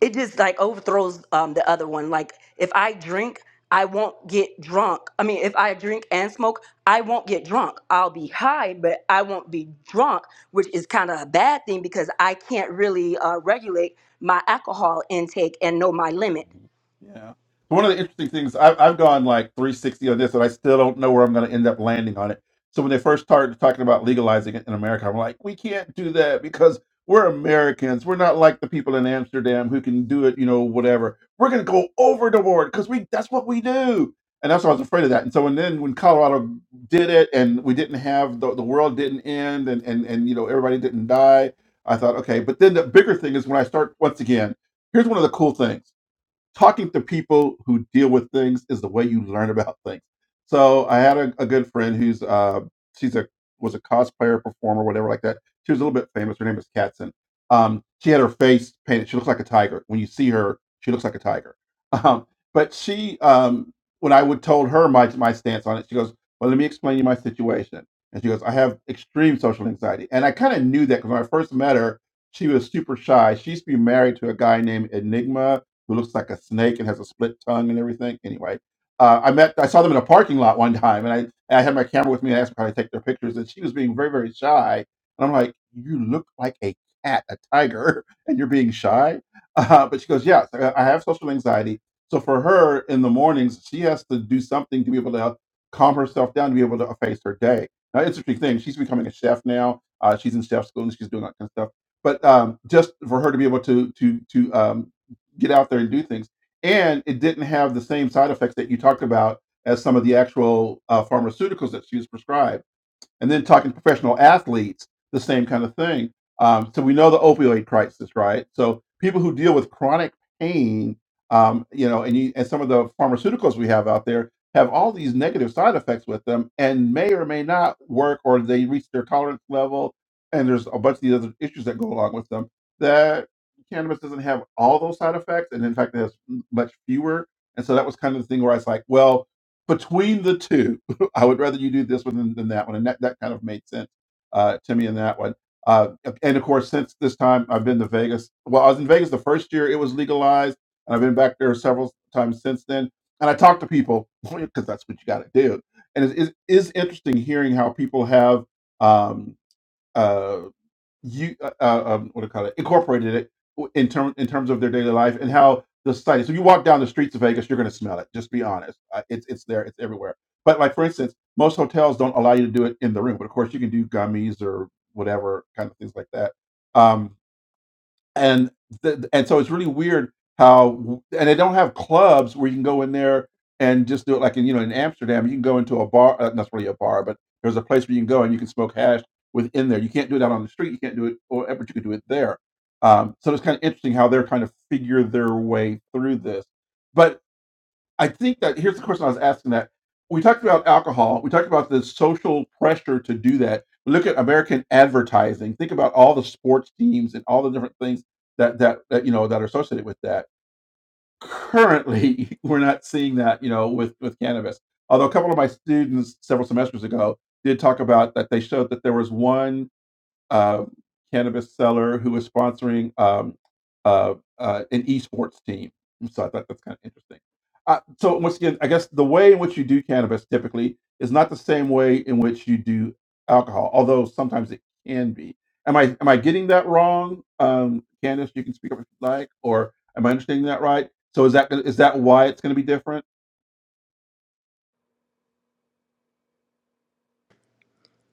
Speaker 4: it just like overthrows um the other one like if i drink i won't get drunk i mean if i drink and smoke i won't get drunk i'll be high but i won't be drunk which is kind of a bad thing because i can't really uh, regulate my alcohol intake and know my limit
Speaker 1: Yeah. One of the interesting things, I've, I've gone like 360 on this, and I still don't know where I'm going to end up landing on it. So when they first started talking about legalizing it in America, I'm like, we can't do that because we're Americans. We're not like the people in Amsterdam who can do it, you know, whatever. We're going to go over the board because we that's what we do. And that's why I was afraid of that. And so and then when Colorado did it and we didn't have the, the world didn't end and, and, and, you know, everybody didn't die, I thought, okay. But then the bigger thing is when I start once again, here's one of the cool things talking to people who deal with things is the way you learn about things. So I had a, a good friend who's uh, she's a was a cosplayer, performer, whatever like that. She was a little bit famous. Her name is Katzen. Um, she had her face painted. She looks like a tiger. When you see her, she looks like a tiger. Um, but she, um, when I would told her my my stance on it, she goes, "Well, let me explain you my situation." And she goes, "I have extreme social anxiety," and I kind of knew that because when I first met her, she was super shy. She used to be married to a guy named Enigma who looks like a snake and has a split tongue and everything. Anyway, uh, I met, I saw them in a parking lot one time, and I, and I had my camera with me and I asked her how to take their pictures, and she was being very, very shy. And I'm like, you look like a cat, a tiger, and you're being shy. Uh, but she goes, yes, I I have social anxiety. So for her, in the mornings, she has to do something to be able to calm herself down to be able to face her day. Now, interesting thing, she's becoming a chef now. Uh, she's in chef school and she's doing that kind of stuff. But um, just for her to be able to to to um, get out there and do things. And it didn't have the same side effects that you talked about as some of the actual uh, pharmaceuticals that she was prescribed and then talking to professional athletes, the same kind of thing. Um, so we know the opioid crisis, right? So people who deal with chronic pain, um, you know, and, you, and some of the pharmaceuticals we have out there have all these negative side effects with them, and may or may not work, or they reach their tolerance level, and there's a bunch of these other issues that go along with them. That cannabis doesn't have all those side effects, and in fact, it has much fewer. And so that was kind of the thing where I was like, well, between the two. I would rather you do this one than, than that one. And that, that kind of made sense uh, to me in that one. Uh, and of course, since this time, I've been to Vegas. Well, I was in Vegas the first year it was legalized, and I've been back there several times since then. And I talk to people because that's what you got to do. And it is, interesting hearing how people have um, uh, you uh, uh, um, what do you call it incorporated it in term in terms of their daily life and how the society. So you walk down the streets of Vegas, you're going to smell it. Just be honest. Uh, it's it's there. It's everywhere. But like for instance, most hotels don't allow you to do it in the room. But of course, you can do gummies or whatever kind of things like that. Um, and th- and so it's really weird how and they don't have clubs where you can go in there and just do it like in you know in Amsterdam you can go into a bar uh, not really a bar but there's a place where you can go and you can smoke hash within there you can't do it out on the street you can't do it or but you can do it there um, so it's kind of interesting how they're trying to figure their way through this but. I think that here's the question I was asking that. We talked about alcohol. We talked about the social pressure to do that. Look at American advertising. Think about all the sports teams and all the different things that that, that you know that are associated with that. Currently, we're not seeing that, you know, with with cannabis. Although a couple of my students several semesters ago did talk about that they showed that there was one uh, cannabis seller who is sponsoring um, uh, uh, an esports team. So I thought that's kind of interesting. Uh, so once again, I guess the way in which you do cannabis typically is not the same way in which you do alcohol, although sometimes it can be. Am I am I getting that wrong, um, Candice? You can speak up if you like, or am I understanding that right? So is that is that why it's going to be different?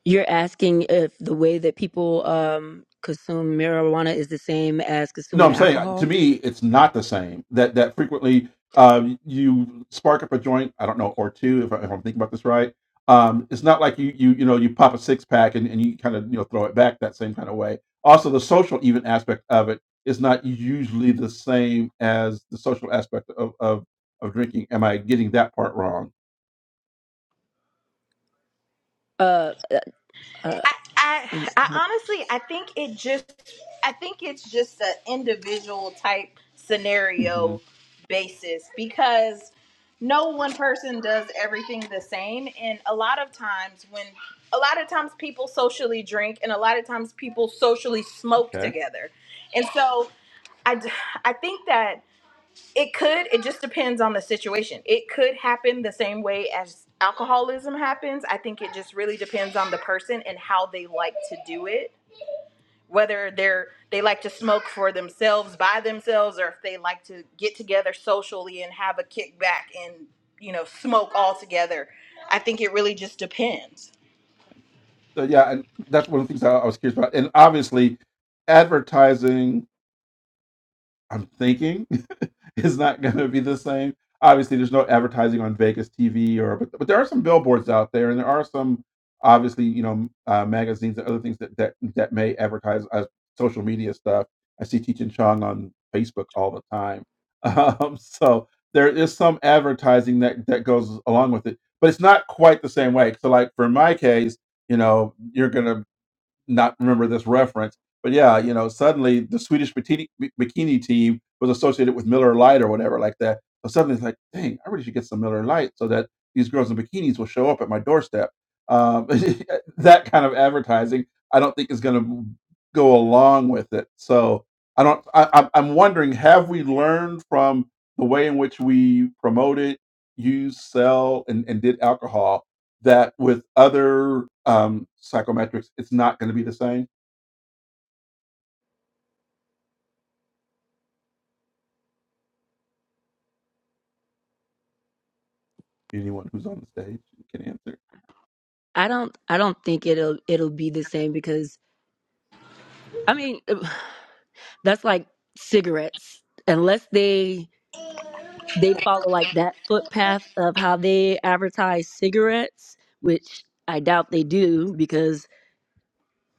Speaker 4: You're asking if the way that people um consume marijuana is the same.
Speaker 1: No, I'm saying uh, to me, it's not the same. That that frequently um, you spark up a joint. I don't know or two if, I, if I'm thinking about this right. Um, it's not like you you you know you pop a six pack and, and you kind of you know throw it back that same kind of way. Also, the social even aspect of it is not usually the same as the social aspect of of, of drinking. Am I getting that part wrong?
Speaker 4: Uh, uh
Speaker 2: I, I I honestly I think it just I think it's just an individual type
Speaker 1: hmm
Speaker 2: scenario basis because no one person does everything the same and a lot of times when a lot of times people socially drink and a lot of times people socially smoke
Speaker 1: Okay.
Speaker 2: together. And so I d- I think that it could. It just depends on the situation. It could happen the same way as alcoholism happens. I think it just really depends on the person and how they like to do it. Whether they're they like to smoke for themselves by themselves, or if they like to get together socially and have a kickback and you know smoke all together. I think it really just depends.
Speaker 1: So yeah, and that's one of the things I, I was curious about. And obviously, advertising I'm thinking is not going to be the same. Obviously, there's no advertising on Vegas TV or, but, but there are some billboards out there, and there are some obviously, you know, m- uh, magazines and other things that that that may advertise as social media stuff. I see Teaching Chong on Facebook all the time, um, so there is some advertising that that goes along with it, but it's not quite the same way. So, like for my case, you know, you're gonna not remember this reference. But yeah, you know, suddenly the Swedish bikini, bikini team was associated with Miller Lite or whatever like that. So suddenly it's like, dang, I really should get some Miller Lite so that these girls in bikinis will show up at my doorstep. Um, that kind of advertising, I don't think is going to go along with it. So I don't. I, I'm I'm wondering, have we learned from the way in which we promoted, used, sell, and, and did alcohol? that with other um, psychometrics, it's not going to be the same? Anyone who's on the stage can answer.
Speaker 4: I don't I don't think it'll it'll be the same because I mean That's like cigarettes. Unless they they follow like that footpath of how they advertise cigarettes, which I doubt they do because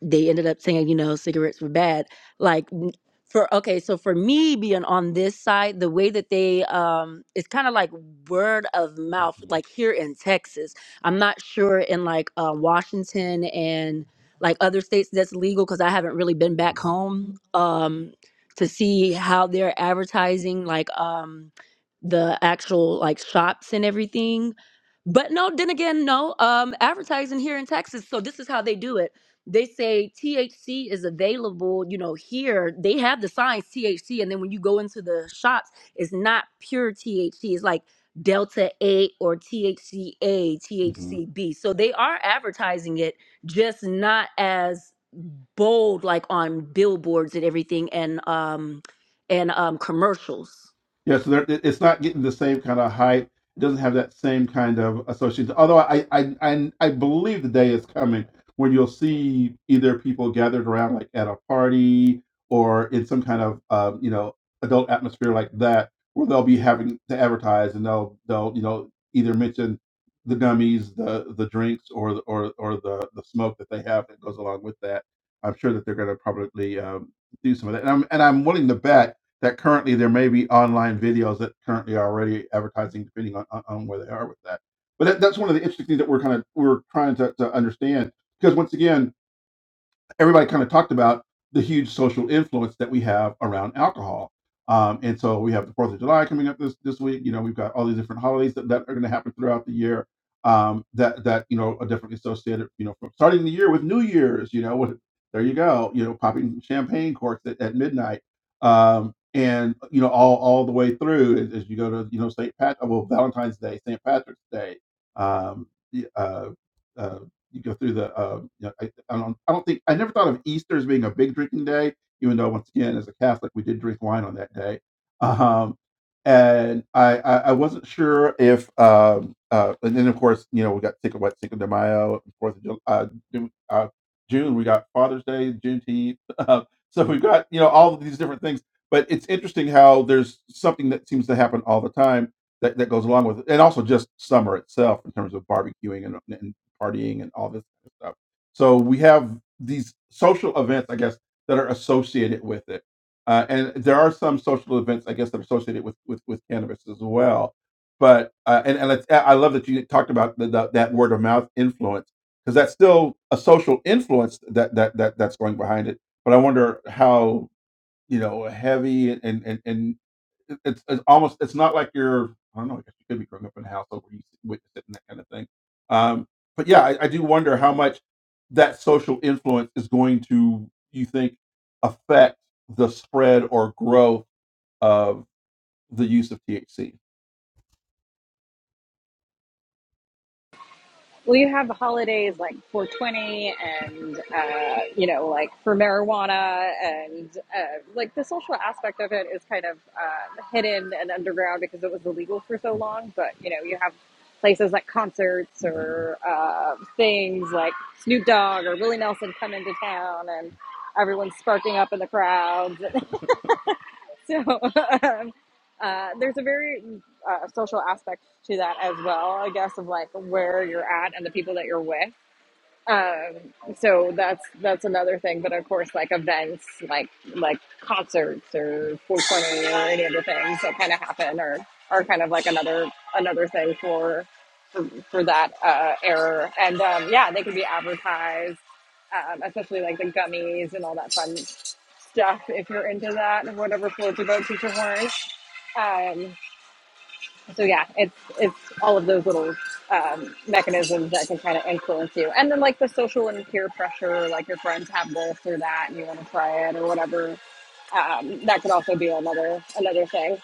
Speaker 4: they ended up saying, you know, cigarettes were bad. like for okay so for me being on this side the way that they um it's kind of like word of mouth
Speaker 1: Mhm,
Speaker 4: like here in texas i'm not sure in like uh, washington and like other states that's legal because i haven't really been back
Speaker 1: mhm,
Speaker 4: home um to see how they're advertising like um the actual like shops and everything but no, then again, no. Um, advertising here in Texas, so this is how they do it. They say THC is available, you know, here. They have the signs THC, and then when you go into the shops, it's not pure THC. It's like Delta 8 or THCA,
Speaker 1: mhm.
Speaker 4: THCB. So they are advertising it, just not as bold like on billboards and everything and um and um commercials.
Speaker 1: Yes, there, it- it's not getting the same kind of hype. It doesn't have that same kind of association. Although I, I, I, I believe the day is coming when you'll see either people gathered around like at a party or in some kind of um, you know adult atmosphere like that, where they'll be having to advertise and they'll they'll you know either mention the gummies, the the drinks, or the- or or the the smoke that they have that goes along with that. I'm sure that they're going to probably um, do some of that, and I'm and I'm willing to bet that currently there may be online videos that currently are already advertising depending on, on, on where they are with that but that, that's one of the interesting things that we're kind of we're trying to, to understand because once again everybody kind of talked about the huge social influence that we have around alcohol. Um, and so we have the Fourth of July coming up this this week. You know, we've got all these different holidays that, that are going to happen throughout the year. Um, that that you know are definitely associated. You know, from starting the year with New Year's. You know, with, there you go. You know, popping champagne corks at, at midnight. Um, and you know, all all the way through as, as you go to you know St. Pat, well Valentine's Day, St. Patrick's Day, um, y- uh, uh, you go through the uh, you know, I, I don't I don't think I never thought of Easter as being a big drinking day, even though once again as a Catholic we did drink wine on that day. Um, and I, I I wasn't sure if um uh and then of course you know we got Cinco what Cinco de Mayo Fourth of July uh, Ju- uh, June we got Father's Day Juneteenth uh, so we've got you know all of these different things but it's interesting how there's something that seems to happen all the time that, that goes along with it and also just summer itself in terms of barbecuing and, and partying and all this kind of stuff. So we have these social events, I guess, that are associated with it. Uh, and there are some social events, I guess, that are associated with with, with cannabis as well. But uh, and and it's, I love that you talked about the, the, that word of mouth influence because that's still a social influence that that that that's going behind it. But I wonder how you know, heavy and and and it- it's, it's almost it's not like you're I don't know. I guess you could be growing up in a household where you witness it and that kind of thing. Um, but yeah, I, I do wonder how much that social influence is going to you think affect the spread or growth of the use of THC.
Speaker 3: Well, you have holidays like 420 and, uh, you know, like for marijuana and uh, like the social aspect of it is kind of uh, hidden and underground because it was illegal for so long. But, you know, you have places like concerts or uh, things like Snoop Dogg or Willie Nelson come into town and everyone's sparking up in the crowds. so um, uh, there's a very uh, social aspect to that as well, I guess, of like where you're at and the people that you're with um so that's that's another thing but of course like events like like concerts or 420 or any of the things that kind of happen or are kind of like another another thing for for, for that uh error and um yeah they can be advertised um especially like the gummies and all that fun stuff if you're into that whatever floats your boat teacher horn um so yeah, it's it's all of those little um, mechanisms that can kind of influence you, and then like the social and peer pressure, like your friends have this or that, and you want to try it or whatever. Um, that could also be another another thing.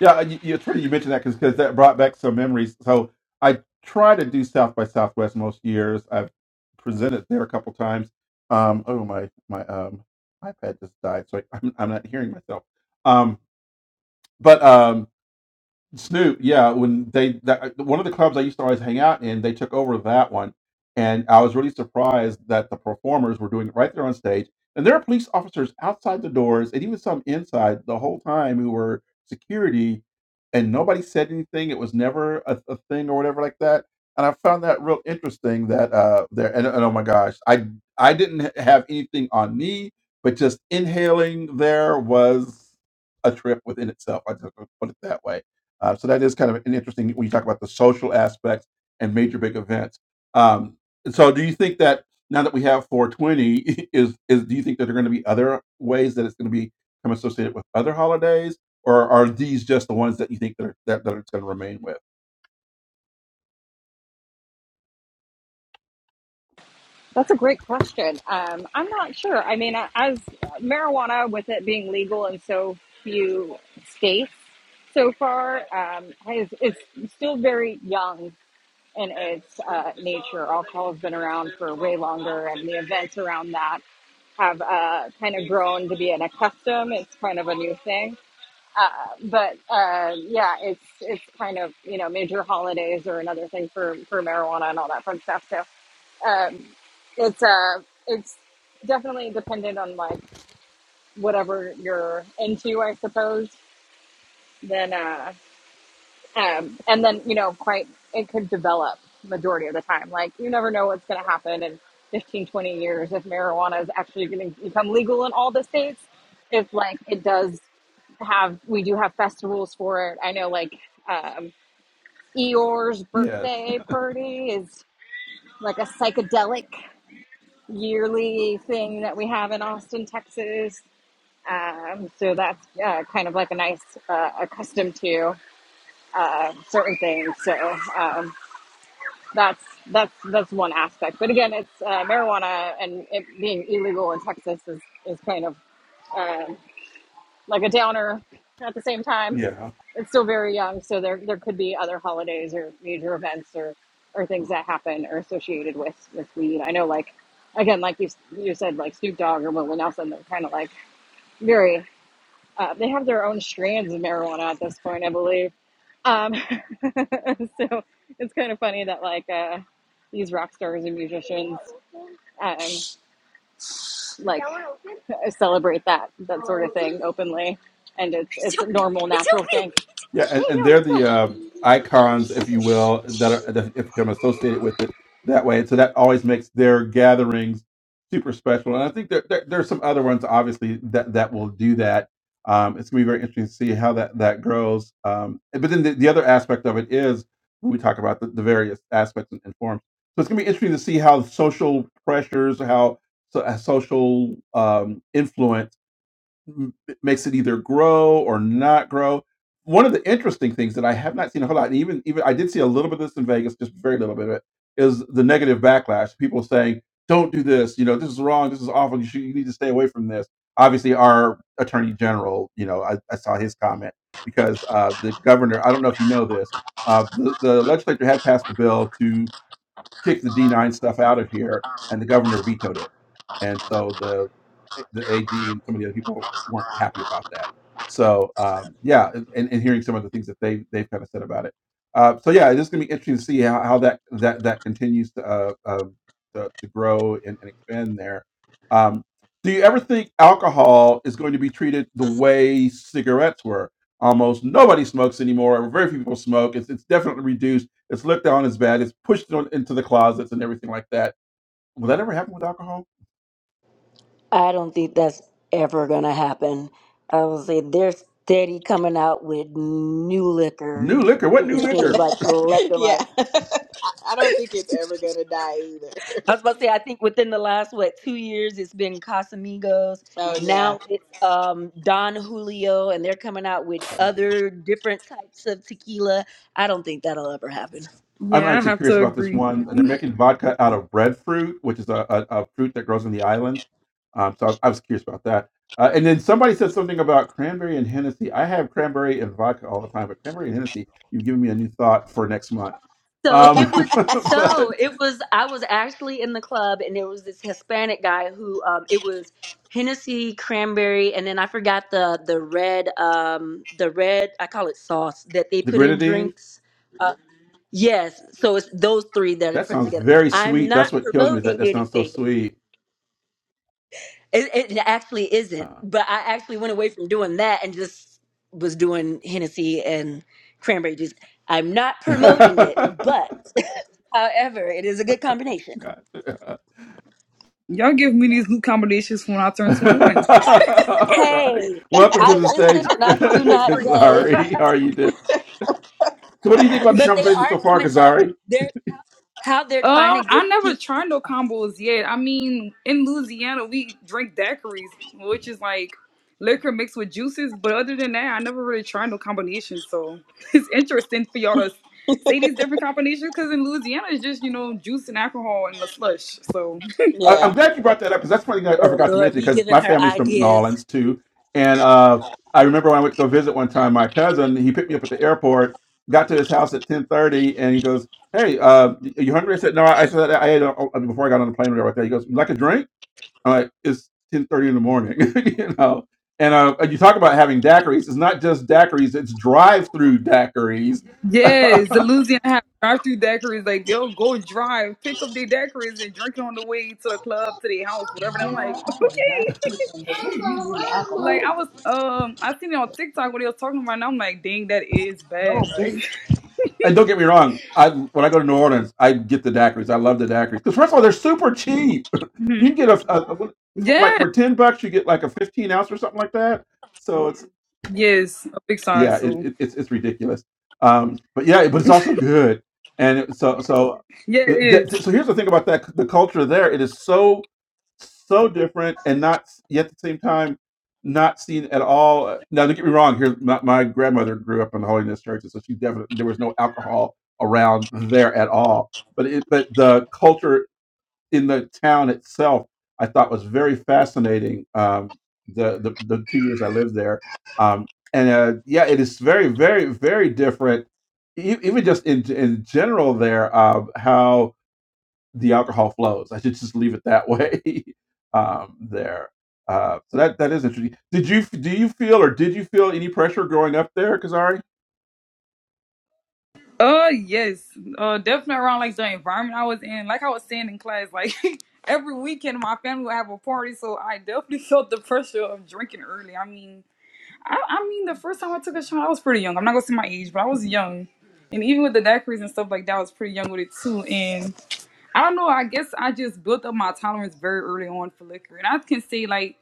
Speaker 1: Yeah, you, you- it's funny you mentioned that because that brought back some memories. So I try to do South by Southwest most years. I've presented there a couple times. Um, oh my my um, iPad just died, so I, I'm I'm not hearing myself. Um, but um, Snoop, yeah, when they that one of the clubs I used to always hang out in, they took over that one, and I was really surprised that the performers were doing it right there on stage, and there are police officers outside the doors and even some inside the whole time who were security, and nobody said anything. It was never a, a thing or whatever like that, and I found that real interesting. That uh, there and, and oh my gosh, I I didn't have anything on me, but just inhaling there was a trip within itself. I just put it that way uh, so that is kind of an interesting when you talk about the social aspects and major big events. Um, and so, do you think that now that we have 420, is is do you think that there are going to be other ways that it's going to be become associated with other holidays, or are these just the ones that you think that are, that, that it's going to remain with?
Speaker 3: That's a great question. Um, I'm not sure. I mean, as marijuana, with it being legal in so few states so far, um, is it's still very young in its uh, nature. Alcohol has been around for way longer, and the events around that have uh, kind of grown to be an a custom. It's kind of a new thing. Uh, but uh, yeah, it's it's kind of you know major holidays or another thing for for marijuana and all that fun stuff. So um, it's uh it's definitely dependent on like whatever you're into, I suppose. Then uh, um, and then you know quite it could develop majority of the time like you never know what's going to happen in 15, 20 years if marijuana is actually going to become legal in all the states if like it does have we do have festivals for it i know like um eeyore's
Speaker 1: Yes.
Speaker 3: birthday party is like a psychedelic yearly thing that we have in austin texas um, so that's uh, kind of like a nice uh, accustomed to uh, certain things so um, that's that's that's one aspect. But again, it's uh, marijuana and it being illegal in Texas is is kind of um like a downer. At the same time,
Speaker 1: Yeah.
Speaker 3: it's still very young, so there there could be other holidays or major events or or things that happen or associated with with weed. I know, like again, like you you said, like Snoop Dogg or Willie Nelson, they're kind of like very uh, they have their own strands of marijuana at this point, I believe. Um, so it's kind of funny that like uh, these rock stars and musicians um, like celebrate that that sort of thing openly, and it's it's a normal natural thing.
Speaker 1: Yeah,
Speaker 3: Hey,
Speaker 1: and, and
Speaker 3: yeah,
Speaker 1: they're
Speaker 3: let's
Speaker 1: the
Speaker 3: go.
Speaker 1: uh, icons, if you will, that are that have become associated with it that way. And so that always makes their gatherings super special. And I think there, there there's some other ones, obviously, that that will do that. Um, it's gonna be very interesting to see how that that grows. Um, but then the, the other aspect of it is when we talk about the, the various aspects and, and forms. So it's gonna be interesting to see how social pressures, how so, uh, social um, influence m- makes it either grow or not grow. One of the interesting things that I have not seen a whole lot, and even even I did see a little bit of this in Vegas, just very little bit of it, is the negative backlash. People saying, "Don't do this. You know, this is wrong. This is awful. You should, you need to stay away from this." Obviously, our attorney general, you know, I, I saw his comment because uh, the governor. I don't know if you know this. Uh, the, the legislature had passed a bill to kick the D9 stuff out of here, and the governor vetoed it. And so the the AG and some of the other people weren't happy about that. So um, yeah, and, and hearing some of the things that they they've kind of said about it. Uh, so yeah, it's just gonna be interesting to see how, how that that that continues to uh, uh, to, to grow and, and expand there. Um, do you ever think alcohol is going to be treated the way cigarettes were? Almost nobody smokes anymore. Or very few people smoke. It's, it's definitely reduced it's looked on as bad. It's pushed on into the closets and everything like that. Will that ever happen with alcohol?
Speaker 4: I don't think that's ever gonna happen. I would say they're steady coming out with new liquor.
Speaker 1: New liquor.
Speaker 4: It
Speaker 1: What new
Speaker 4: it seems
Speaker 1: liquor?
Speaker 4: like left and right.
Speaker 2: yeah, I don't think it's ever gonna die either.
Speaker 4: I was about to say, I think within the last what two years, it's been Casamigos.
Speaker 2: So yeah,
Speaker 4: Now it's um, Don Julio, and they're coming out with
Speaker 1: Oh, yeah.
Speaker 4: other different types of tequila. I don't think that'll ever
Speaker 1: Yeah.
Speaker 4: happen.
Speaker 1: I'm
Speaker 6: Yeah, I
Speaker 1: actually
Speaker 6: have
Speaker 1: curious
Speaker 6: to
Speaker 1: about this
Speaker 6: agree.
Speaker 1: one. They're making vodka out of breadfruit, which is a, a, a fruit that grows in the islands. Um, so I, I was curious about that. Uh, and then somebody said something about cranberry and Hennessy. I have cranberry and vodka all the time, but cranberry and Hennessy, you've given me a new thought for next month.
Speaker 4: So it was
Speaker 1: Um, but
Speaker 4: so it was I was actually in the club and there was this Hispanic guy who um it was Hennessy, cranberry, and then I forgot the the red um the red I call it sauce that they
Speaker 1: the
Speaker 4: put in
Speaker 1: grenadine,
Speaker 4: drinks. Yes, so it's those three that are
Speaker 1: that
Speaker 4: put
Speaker 1: sounds
Speaker 4: together.
Speaker 1: very
Speaker 4: I'm
Speaker 1: sweet. That's
Speaker 4: not
Speaker 1: what kills me. is
Speaker 4: promoting
Speaker 1: That that sounds so
Speaker 4: anything.
Speaker 1: sweet.
Speaker 4: It, it actually isn't,
Speaker 1: Uh,
Speaker 4: but I actually went away from doing that and just was doing Hennessy and cranberry juice. I'm not promoting it, but however, it is a good combination.
Speaker 1: gotcha.
Speaker 6: Y'all give me these new combinations when I turn 21.
Speaker 1: all right.
Speaker 4: Hey,
Speaker 6: I
Speaker 1: Welcome to
Speaker 4: I
Speaker 1: the stage,
Speaker 4: listen and I
Speaker 6: drink my
Speaker 4: do
Speaker 6: liquor
Speaker 4: not
Speaker 6: straight, so.
Speaker 4: judge.
Speaker 1: Kazari. How
Speaker 6: uh,
Speaker 1: are you doing? So, what do you think about the
Speaker 4: But they
Speaker 1: conversation
Speaker 4: are
Speaker 1: so far,
Speaker 4: coming out.
Speaker 1: Gazari?
Speaker 4: They're how they're trying to get
Speaker 6: I never
Speaker 4: people.
Speaker 6: tried no combos yet. I mean, in Louisiana, we drink daiquiris, which is like liquor mixed with juices. But other than that, I never really tried no combinations. So it's interesting for y'all to say these different combinations because in Louisiana, it's just, you know, juice and alcohol and the slush. So.
Speaker 1: I, I'm
Speaker 2: yeah.
Speaker 1: glad you brought that up because that's one thing I, I
Speaker 4: Oh
Speaker 1: forgot to
Speaker 4: Lord,
Speaker 1: mention
Speaker 4: we
Speaker 1: because
Speaker 4: giving
Speaker 1: my
Speaker 4: her
Speaker 1: family's from New
Speaker 4: ideas.
Speaker 1: Orleans too, and uh, I remember when I went to go visit one time, my cousin he picked me up at the airport, got to his house at 10:30, and he goes, "Hey, uh, y- are you hungry?" I said, "No, I said I ate uh, uh, before I got on the plane or whatever." Like He goes, "You like a drink?" I'm like, "It's 10:30 in the morning," you know. And uh, you talk about having daiquiris. It's not just daiquiris; it's drive-through daiquiris.
Speaker 6: Yes, the Louisiana have drive-through daiquiris. Like they'll go drive, pick up their daiquiris, and drink it on the way to the club, to their house, whatever. And I'm like, okay. Like I was, um, I seen it on TikTok what they was talking about, and I'm like, dang, that is bad. Like,
Speaker 1: And don't get me wrong, I when I go to New Orleans, I get the daiquiris. I love the daiquiris because first of all, they're super cheap. You
Speaker 6: Mhm.
Speaker 1: can get a, a- a- like
Speaker 6: yeah,
Speaker 1: for ten bucks, you get like a fifteen ounce or something like that. So it's
Speaker 6: yes, a big
Speaker 1: yeah,
Speaker 6: size.
Speaker 1: it,
Speaker 6: So
Speaker 1: it, it's it's ridiculous. Um, but yeah, but it's also good. And it, so so
Speaker 6: yeah,
Speaker 1: uh,
Speaker 6: it is.
Speaker 1: that, so here's the thing about that the culture there. It is so so different and not yet at the same time not seen at all. uh, Now don't get me wrong. Here's my, my grandmother grew up in the Holiness Church, and so she definitely there was no alcohol around there at all. But it but the culture in the town itself, I thought was very fascinating. Um, the, the the two years I lived there, um, and uh, yeah, it is very, very, very different. E- Even just in in general, there um, how the alcohol flows. I should just leave it that way. um, there, uh, so that that is interesting. Did you do you feel or did you feel any pressure growing up there, Kazari?
Speaker 6: Uh, yes, uh, definitely around like the environment I was in. Like I was saying in class, like. Every weekend, my family would have a party, so I definitely felt the pressure of drinking early. I mean, I, I mean, the first time I took a shot, I was pretty young. I'm not gonna say my age, but I was young. And even with the daiquiris and stuff like that, I was pretty young with it too. And I don't know. I guess I just built up my tolerance very early on for liquor. And I can say like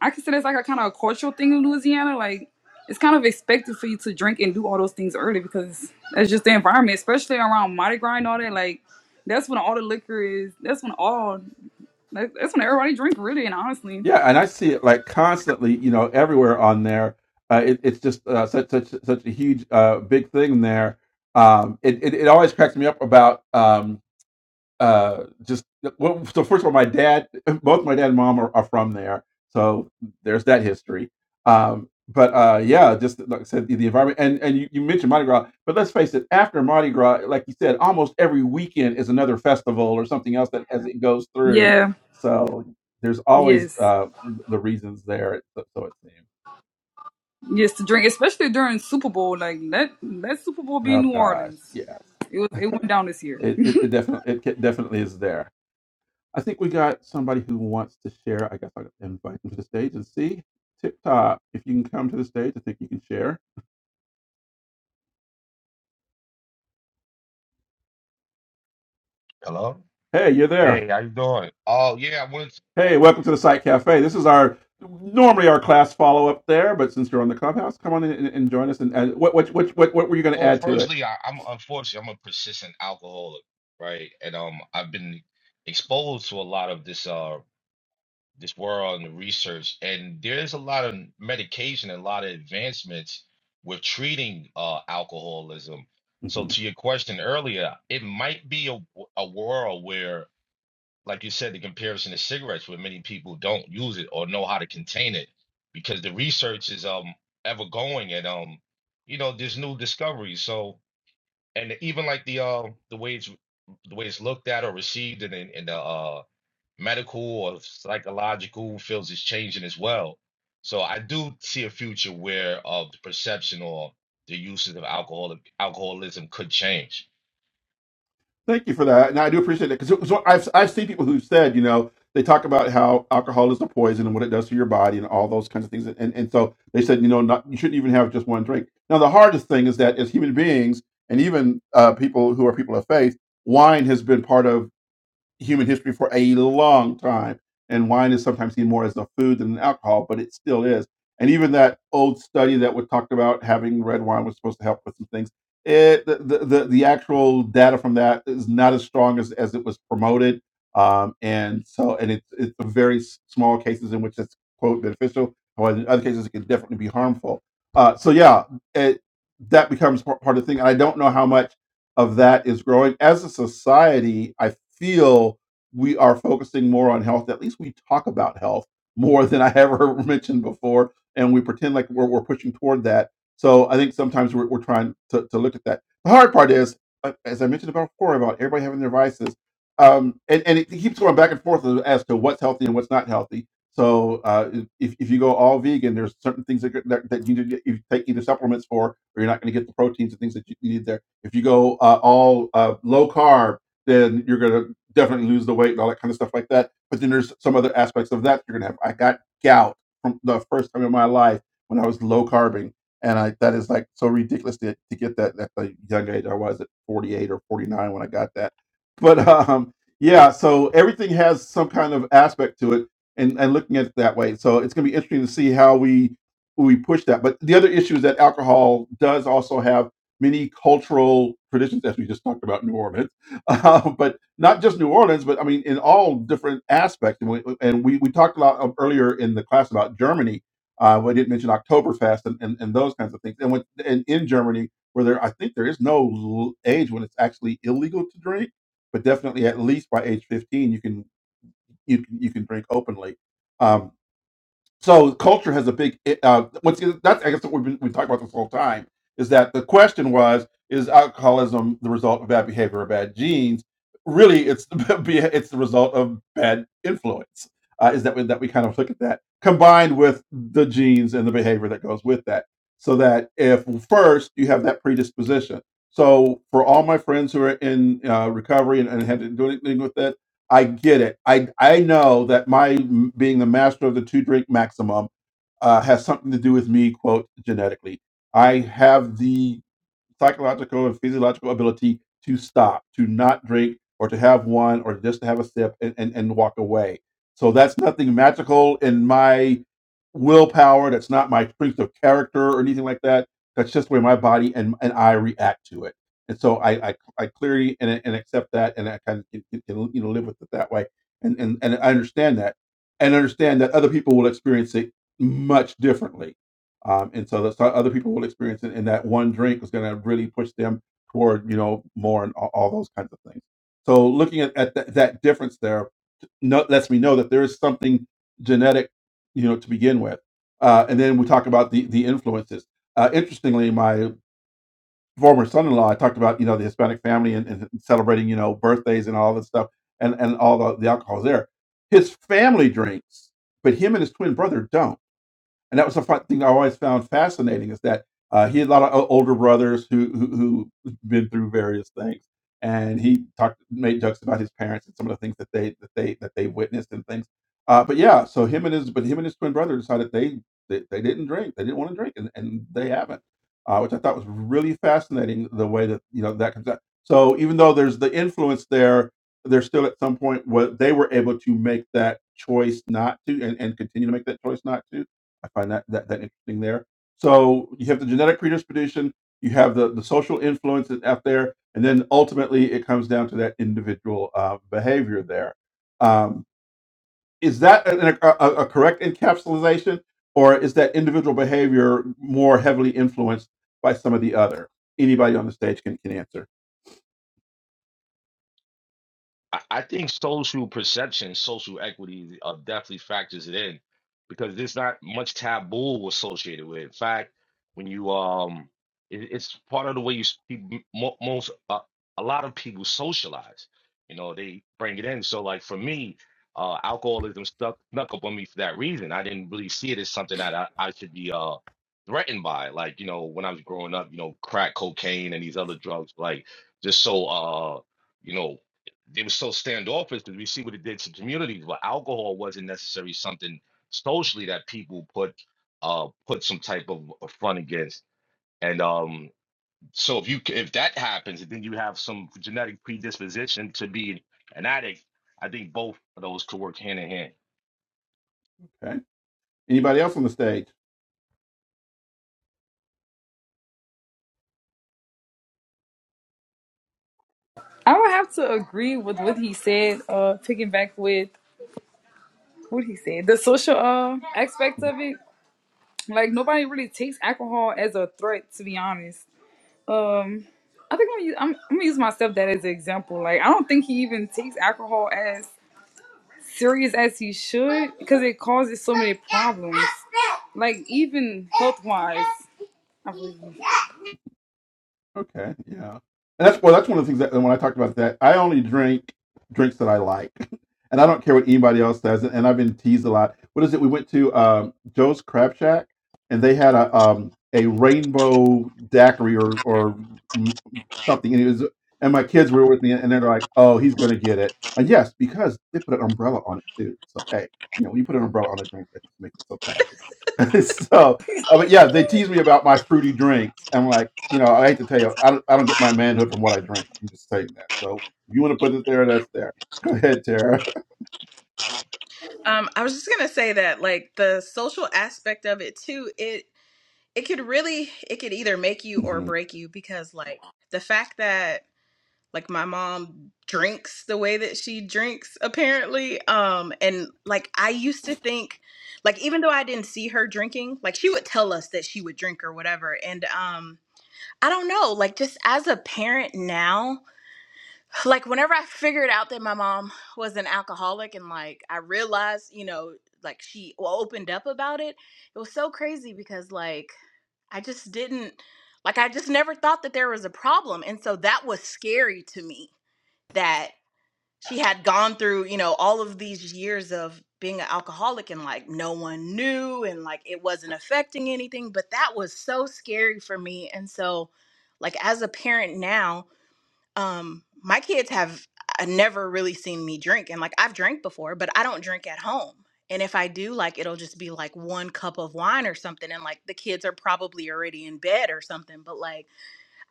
Speaker 6: I consider it's like a kind of a cultural thing in Louisiana. Like it's kind of expected for you to drink and do all those things early because that's just the environment, especially around Mardi Gras and all that. Like that's when all the liquor is. That's when all. that- That's when everybody drink really. And honestly,
Speaker 1: Yeah, and I see it like constantly, you know, everywhere on there. Uh, it, it's just uh, such such such a huge, uh, big thing there. Um, it, it it always cracks me up about. um, uh just uh, well so first of all my dad both my dad and mom are, are from there so there's that history um but uh yeah just like i said the, the environment and and you, you mentioned mardi gras but let's face it after mardi gras like you said almost every weekend is another festival or something else that as it goes through
Speaker 6: yeah,
Speaker 1: so there's always
Speaker 6: yes.
Speaker 1: uh the reasons there so so it seems
Speaker 6: Yes, to drink, especially during Super Bowl. Like let let Super Bowl be in
Speaker 1: oh
Speaker 6: New
Speaker 1: gosh
Speaker 6: Orleans.
Speaker 1: yes
Speaker 6: It was it went down this year.
Speaker 1: it, it, it definitely it ca- definitely is there I think we got somebody who wants to share. I guess I'll invite them to the stage and see. Tip top, if you can come to the stage, I think you can share.
Speaker 7: Hello.
Speaker 1: Hey, you're there.
Speaker 7: Hey, how you doing? Oh yeah, I wanted to,
Speaker 1: Hey, welcome to the Site Cafe. This is our normally our class follow up there, but since you're on the clubhouse, come on in and, and join us. And, and what, what what what what were you going to
Speaker 7: well,
Speaker 1: add to it?
Speaker 7: firstly, I, I'm unfortunately I'm a persistent alcoholic, right? And um, I've been exposed to a lot of this uh this world and the research, and there's a lot of medication and a lot of advancements with treating uh alcoholism.
Speaker 1: Mm-hmm.
Speaker 7: So to your question earlier, it might be a w- a world where like you said, the comparison to cigarettes, where many people don't use it or know how to contain it, because the research is um ever going and um you know there's new discoveries. So and even like the uh the way it's the way it's looked at or received in in, in the uh medical or psychological fields is changing as well. So I do see a future where of the perception or the uses of alcohol alcoholism could change
Speaker 1: Thank you for that, and I do appreciate that because so I've I've seen people who said you know they talk about how alcohol is a poison and what it does to your body and all those kinds of things, and and so they said you know not, you shouldn't even have just one drink. Now the hardest thing is that as human beings and even uh, people who are people of faith, wine has been part of human history for a long time. And wine is sometimes seen more as a food than an alcohol, but it still is. And even that old study that was talked about having red wine was supposed to help with some things. It, the, the, the the actual data from that is not as strong as, as it was promoted. Um, and so, and it's, it's the very s- small cases in which it's quote beneficial. However, in other cases, it can definitely be harmful. Uh, so yeah, it, that becomes par- part of the thing. And I don't know how much of that is growing. As a society, I feel we are focusing more on health. At least we talk about health more than I ever mentioned before, and we pretend like we're, we're pushing toward that. So I think sometimes we're, we're trying to, to look at that. The hard part is, uh, as I mentioned about before, about everybody having their vices, um, and, and it keeps going back and forth as as to what's healthy and what's not healthy. So uh, if, if you go all vegan, there's certain things that, that, that you need to get, you take either supplements for, or you're not going to get the proteins and things that you need there if you go uh, all uh, low carb, then you're going to definitely lose the weight and all that kind of stuff like that. But then there's some other aspects of that you're going to have. I got gout from the first time in my life when I was low carbing. And I, that is like so ridiculous to, to get that at the young age I was at 48 or 49 when I got that. But um, yeah, so everything has some kind of aspect to it and, and looking at it that way. So it's going to be interesting to see how we we push that. But the other issue is that alcohol does also have many cultural traditions, as we just talked about New Orleans, uh, but not just New Orleans, but I mean, in all different aspects. And we, and we, we talked a lot of- earlier in the class about Germany. Uh, we didn't mention Oktoberfest and, and, and those kinds of things. And, with, and in Germany, where there, I think there is no l- age when it's actually illegal to drink, but definitely at least by age 15, you can you can, you can drink openly. Um, so culture has a big. Uh, once again, that's I guess what we've been we talked about this whole time is that the question was: Is alcoholism the result of bad behavior or bad genes? Really, it's the be- it's the result of bad influence. Uh, is that we, that we kind of look at that combined with the genes and the behavior that goes with that? So that if well, first you have that predisposition. So for all my friends who are in uh, recovery and, and had to do anything with that I get it. I I know that my m- being the master of the two drink maximum uh, has something to do with me, quote, genetically. I have the psychological and physiological ability to stop, to not drink, or to have one, or just to have a sip and, and, and walk away. So that's nothing magical in my willpower. That's not my strength of character or anything like that. That's just the way my body and, and I react to it. And so I, I, I clearly and, and accept that, and I kind of can, can, you know live with it that way, and, and and I understand that, and understand that other people will experience it much differently um, and so that's how other people will experience it. And that one drink is going to really push them toward you know more and all, all those kinds of things. So looking at, at that that difference there no, lets me know that there is something genetic, you know, to begin with. Uh, and then we talk about the the influences. Uh, interestingly, my former son-in-law, I talked about you know the Hispanic family and, and celebrating you know birthdays and all this stuff, and and all the, the alcohols there. His family drinks, but him and his twin brother don't and that was the fun thing I always found fascinating is that uh, he had a lot of o- older brothers who who who been through various things, and he talked made jokes about his parents and some of the things that they that they that they witnessed and things. Uh, but yeah, so him and his but him and his twin brother decided they they, they didn't drink, they didn't want to drink, and, and they haven't, uh, which I thought was really fascinating the way that you know that comes out. So even though there's the influence there, there's still at some point what they were able to make that choice not to and, and continue to make that choice not to I find that, that that interesting there. So you have the genetic predisposition, you have the the social influences out there, and then ultimately it comes down to that individual uh, behavior there. Um, is that an, a, a a correct encapsulation, or is that individual behavior more heavily influenced by some of the other? Anybody on the stage can can answer.
Speaker 7: I, I think social perception, social equity uh, definitely factors it in because there's not much taboo associated with it. In fact, when you um, it, it's part of the way you s- people, mo- most uh, a lot of people socialize. You know, they bring it in. So, like for me, uh, alcoholism stuck snuck up on me for that reason. I didn't really see it as something that I, I should be uh threatened by. Like you know, when I was growing up, you know, crack cocaine and these other drugs, like just so uh you know they were so standoffish because we see what it did to communities. But alcohol wasn't necessarily something socially that people put uh put some type of of front against. And um, so if you c- if that happens, then you have some genetic predisposition to be an addict. I think both of those could work hand in hand.
Speaker 1: Okay. Anybody else on the stage?
Speaker 6: I would have to agree with what he said. Uh, picking back with what he said, the social uh
Speaker 1: Hmm.
Speaker 6: aspect of it. Like nobody really takes alcohol as a threat, to be honest. Um, I think I'm, gonna use- I'm, I'm gonna use my stepdad as an example. Like I don't think he even takes alcohol as serious as he should because it causes so many problems. Like even health wise.
Speaker 1: Okay, yeah, and that's well. That's one of the things that when I talked about that, I only drink drinks that I like, and I don't care what anybody else says. And and I've been teased a lot. What is it? We went to um, Joe's Crab Shack, and they had a um, a rainbow daiquiri or or m- something, and it was. And my kids were with me, and they're like, "Oh, he's gonna get it." And yes, because they put an umbrella on it too. So hey, you know, when you put an umbrella on a drink, that just makes it so classy. so uh, but yeah, they tease me about my fruity drinks. And I'm like, you know, I hate to tell you, I don't, I don't get my manhood from what I drink. I'm just saying that. So if you want to put it there, that's there. Go ahead, Tara.
Speaker 2: Um, I was just gonna say that, like the social aspect of it too. It it could really it could either make you or
Speaker 1: Mhm.
Speaker 2: break you because like the fact that like my mom drinks the way that she drinks apparently um and like I used to think like even though I didn't see her drinking like she would tell us that she would drink or whatever and um I don't know like just as a parent now like whenever I figured out that my mom was an alcoholic and like I realized, you know, like she opened up about it, it was so crazy because like I just didn't like I just never thought that there was a problem. And so that was scary to me that she had gone through, you know, all of these years of being an alcoholic and like no one knew and like it wasn't affecting anything, but that was so scary for me. And so like as a parent now, um my kids have uh, never really seen me drink and like I've drank before but I don't drink at home and if I do like it'll just be like one cup of wine or something and like the kids are probably already in bed or something but like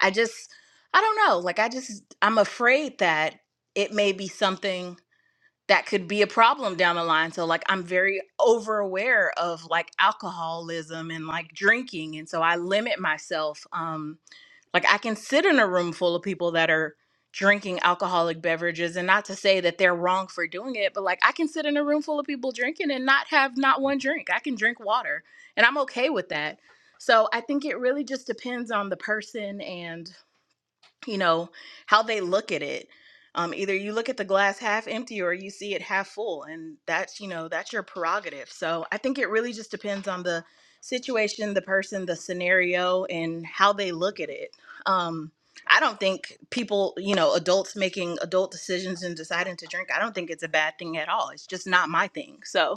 Speaker 2: I just I don't know like I just I'm afraid that it may be something that could be a problem down the line so like I'm very over aware of like alcoholism and like drinking and so I limit myself Um. Like I can sit in a room full of people that are drinking alcoholic beverages and not to say that they're wrong for doing it, but like I can sit in a room full of people drinking and not have not one drink. I can drink water and I'm okay with that. So I think it really just depends on the person and you know how they look at it um, either you look at the glass half empty or you see it half full and that's you know that's your prerogative so i think it really just depends on the situation the person the scenario and how they look at it um, i don't think people you know adults making adult decisions and deciding to drink i don't think it's a bad thing at all it's just not my thing so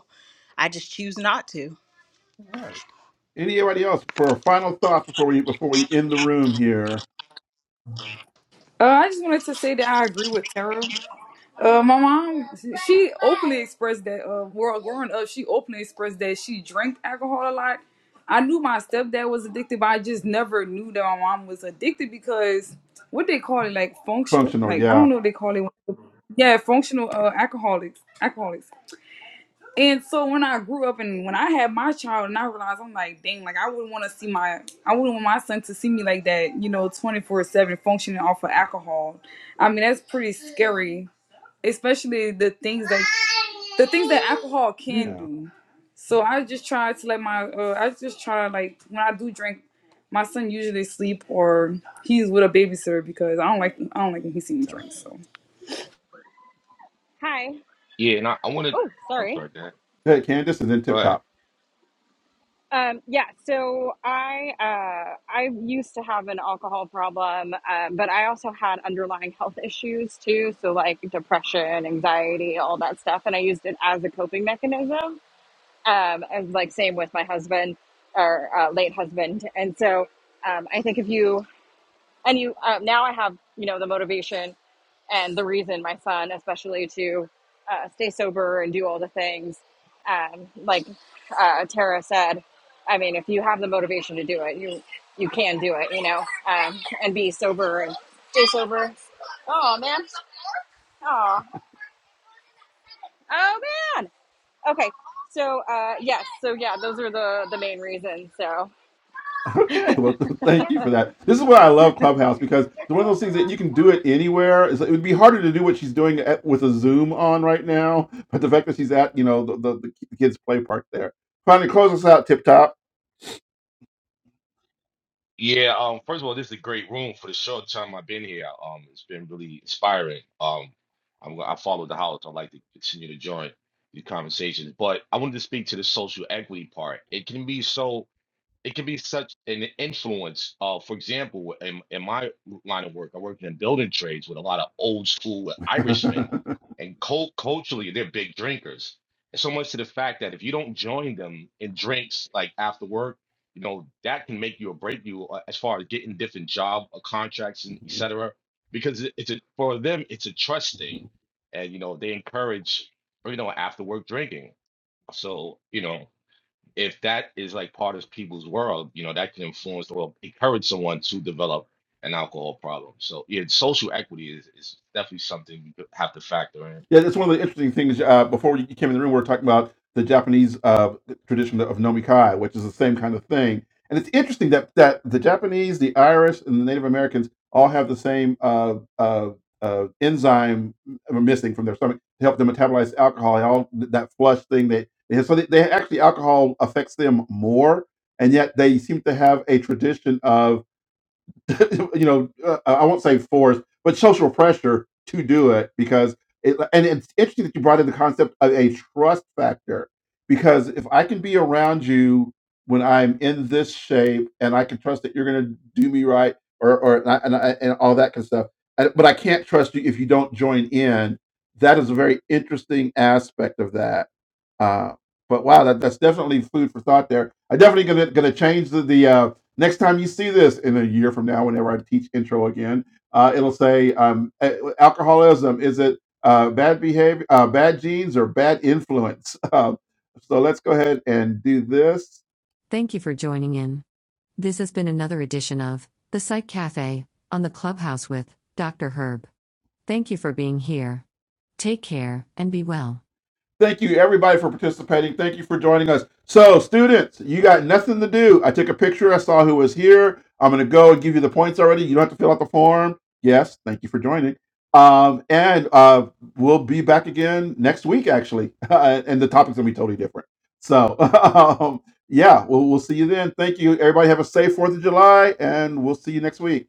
Speaker 2: i just choose not to
Speaker 1: All right. Anybody else for final thoughts before we before we end the room here?
Speaker 6: Uh, I just wanted to say that I agree with Tara. Uh, my mom, she openly expressed that. Uh, well, growing up, she openly expressed that she drank alcohol a lot. I knew my stepdad was addicted, but I just never knew that my mom was addicted because what they call it, like functional,
Speaker 1: Functional,
Speaker 6: like I don't
Speaker 1: yeah,
Speaker 6: know what they call it. Yeah, functional uh, alcoholics, alcoholics. And so when I grew up and when I had my child and I realized I'm like, dang, like I wouldn't want to see my I wouldn't want my son to see me like that, you know, 24/7 functioning off of alcohol. I mean, that's pretty scary, especially the things that the things that alcohol can
Speaker 1: yeah.
Speaker 6: do. So I just try to let my uh, I just try like when I do drink, my son usually sleep or he's with a babysitter because I don't like I don't like when he see me
Speaker 1: Gotcha.
Speaker 6: drink. So
Speaker 3: Hi.
Speaker 7: Yeah, and I, I want to.
Speaker 3: Oh,
Speaker 7: I'm
Speaker 3: sorry.
Speaker 7: sorry, Dad.
Speaker 1: Hey, Candace, and then
Speaker 7: Go
Speaker 1: Tip Top.
Speaker 7: ahead.
Speaker 3: Um, yeah, so I uh, I used to have an alcohol problem, um, but I also had underlying health issues too, so like depression, anxiety, all that stuff, and I used it as a coping mechanism. Um, and like same with my husband or uh, late husband, and so um, I think if you and you uh, now I have you know the motivation and the reason my son especially to uh, stay sober and do all the things um, like uh, Tara said I mean if you have the motivation to do it you you can do it you know um, and be sober and stay sober oh man oh oh man okay so uh, yes so yeah those are the the main reasons so
Speaker 1: Okay, well, thank you for that. This is what I love Clubhouse because it's one of those things that you can do it anywhere. It's, like, it would be harder to do what she's doing at, with a Zoom on right now, but the fact that she's at you know the, the, the kids' play park there. Finally, close us out, Tip Top.
Speaker 7: Yeah, um, first of all, this is a great room for the short time I've been here. Um, it's been really inspiring. Um, I'm go- I follow the house. I'd like to continue to join these conversations, but I wanted to speak to the social equity part. It can be so it can be such an influence. Uh, for example, in, in my line of work, I worked in building trades with a lot of old school Irishmen, and cult- culturally, they're big drinkers. And so much to the fact that if you don't join them in drinks like after work, you know that can make you or break you uh, as far as getting different job or contracts and et cetera. Because it- it's a, for them, it's a trust thing, and you know they encourage you know after work drinking. So you know if that is like part of people's world, you know, that can influence or encourage someone to develop an alcohol problem. So yeah, social equity is, is definitely something you could have to factor in.
Speaker 1: Yeah, that's one of the interesting things. Uh, before you came in the room, we were talking about the Japanese uh, tradition of nomikai, which is the same kind of thing. And it's interesting that that the Japanese, the Irish, and the Native Americans all have the same uh, uh, uh, enzyme m- missing from their stomach to help them metabolize alcohol. And all th- that flush thing they they So they, they actually alcohol affects them more, and yet they seem to have a tradition you know, uh, I won't say forced, but social pressure to do it because it, and it's interesting that you brought in the concept of a trust factor because if I can be around you when I'm in this shape and I can trust that you're going to do me right or or and I, and, I, and all that kind of stuff, and, but I can't trust you if you don't join in. That is a very interesting aspect of that. Uh, but wow, that, that's definitely food for thought there. I'm definitely going to going to change the the. uh, Next time you see this in a year from now, whenever I teach intro again, uh, it'll say um, alcoholism is it uh, bad behavior, uh, bad genes, or bad influence? Um, so let's go ahead and do this. Thank you for joining in. This has been another edition of The Psych Cafe on the Clubhouse with Dr. Herb. Thank you for being here. Take care and be well. Thank you, everybody, for participating. Thank you for joining us. So, students, you got nothing to do. I took a picture. I saw who was here. I'm going to go and give you the points already. You don't have to fill out the form. Yes, thank you for joining. Um, and uh, we'll be back again next week, actually. and the topic's going to be totally different. So, um, yeah, we'll, we'll see you then. Thank you, everybody. Have a safe 4th of July, and we'll see you next week.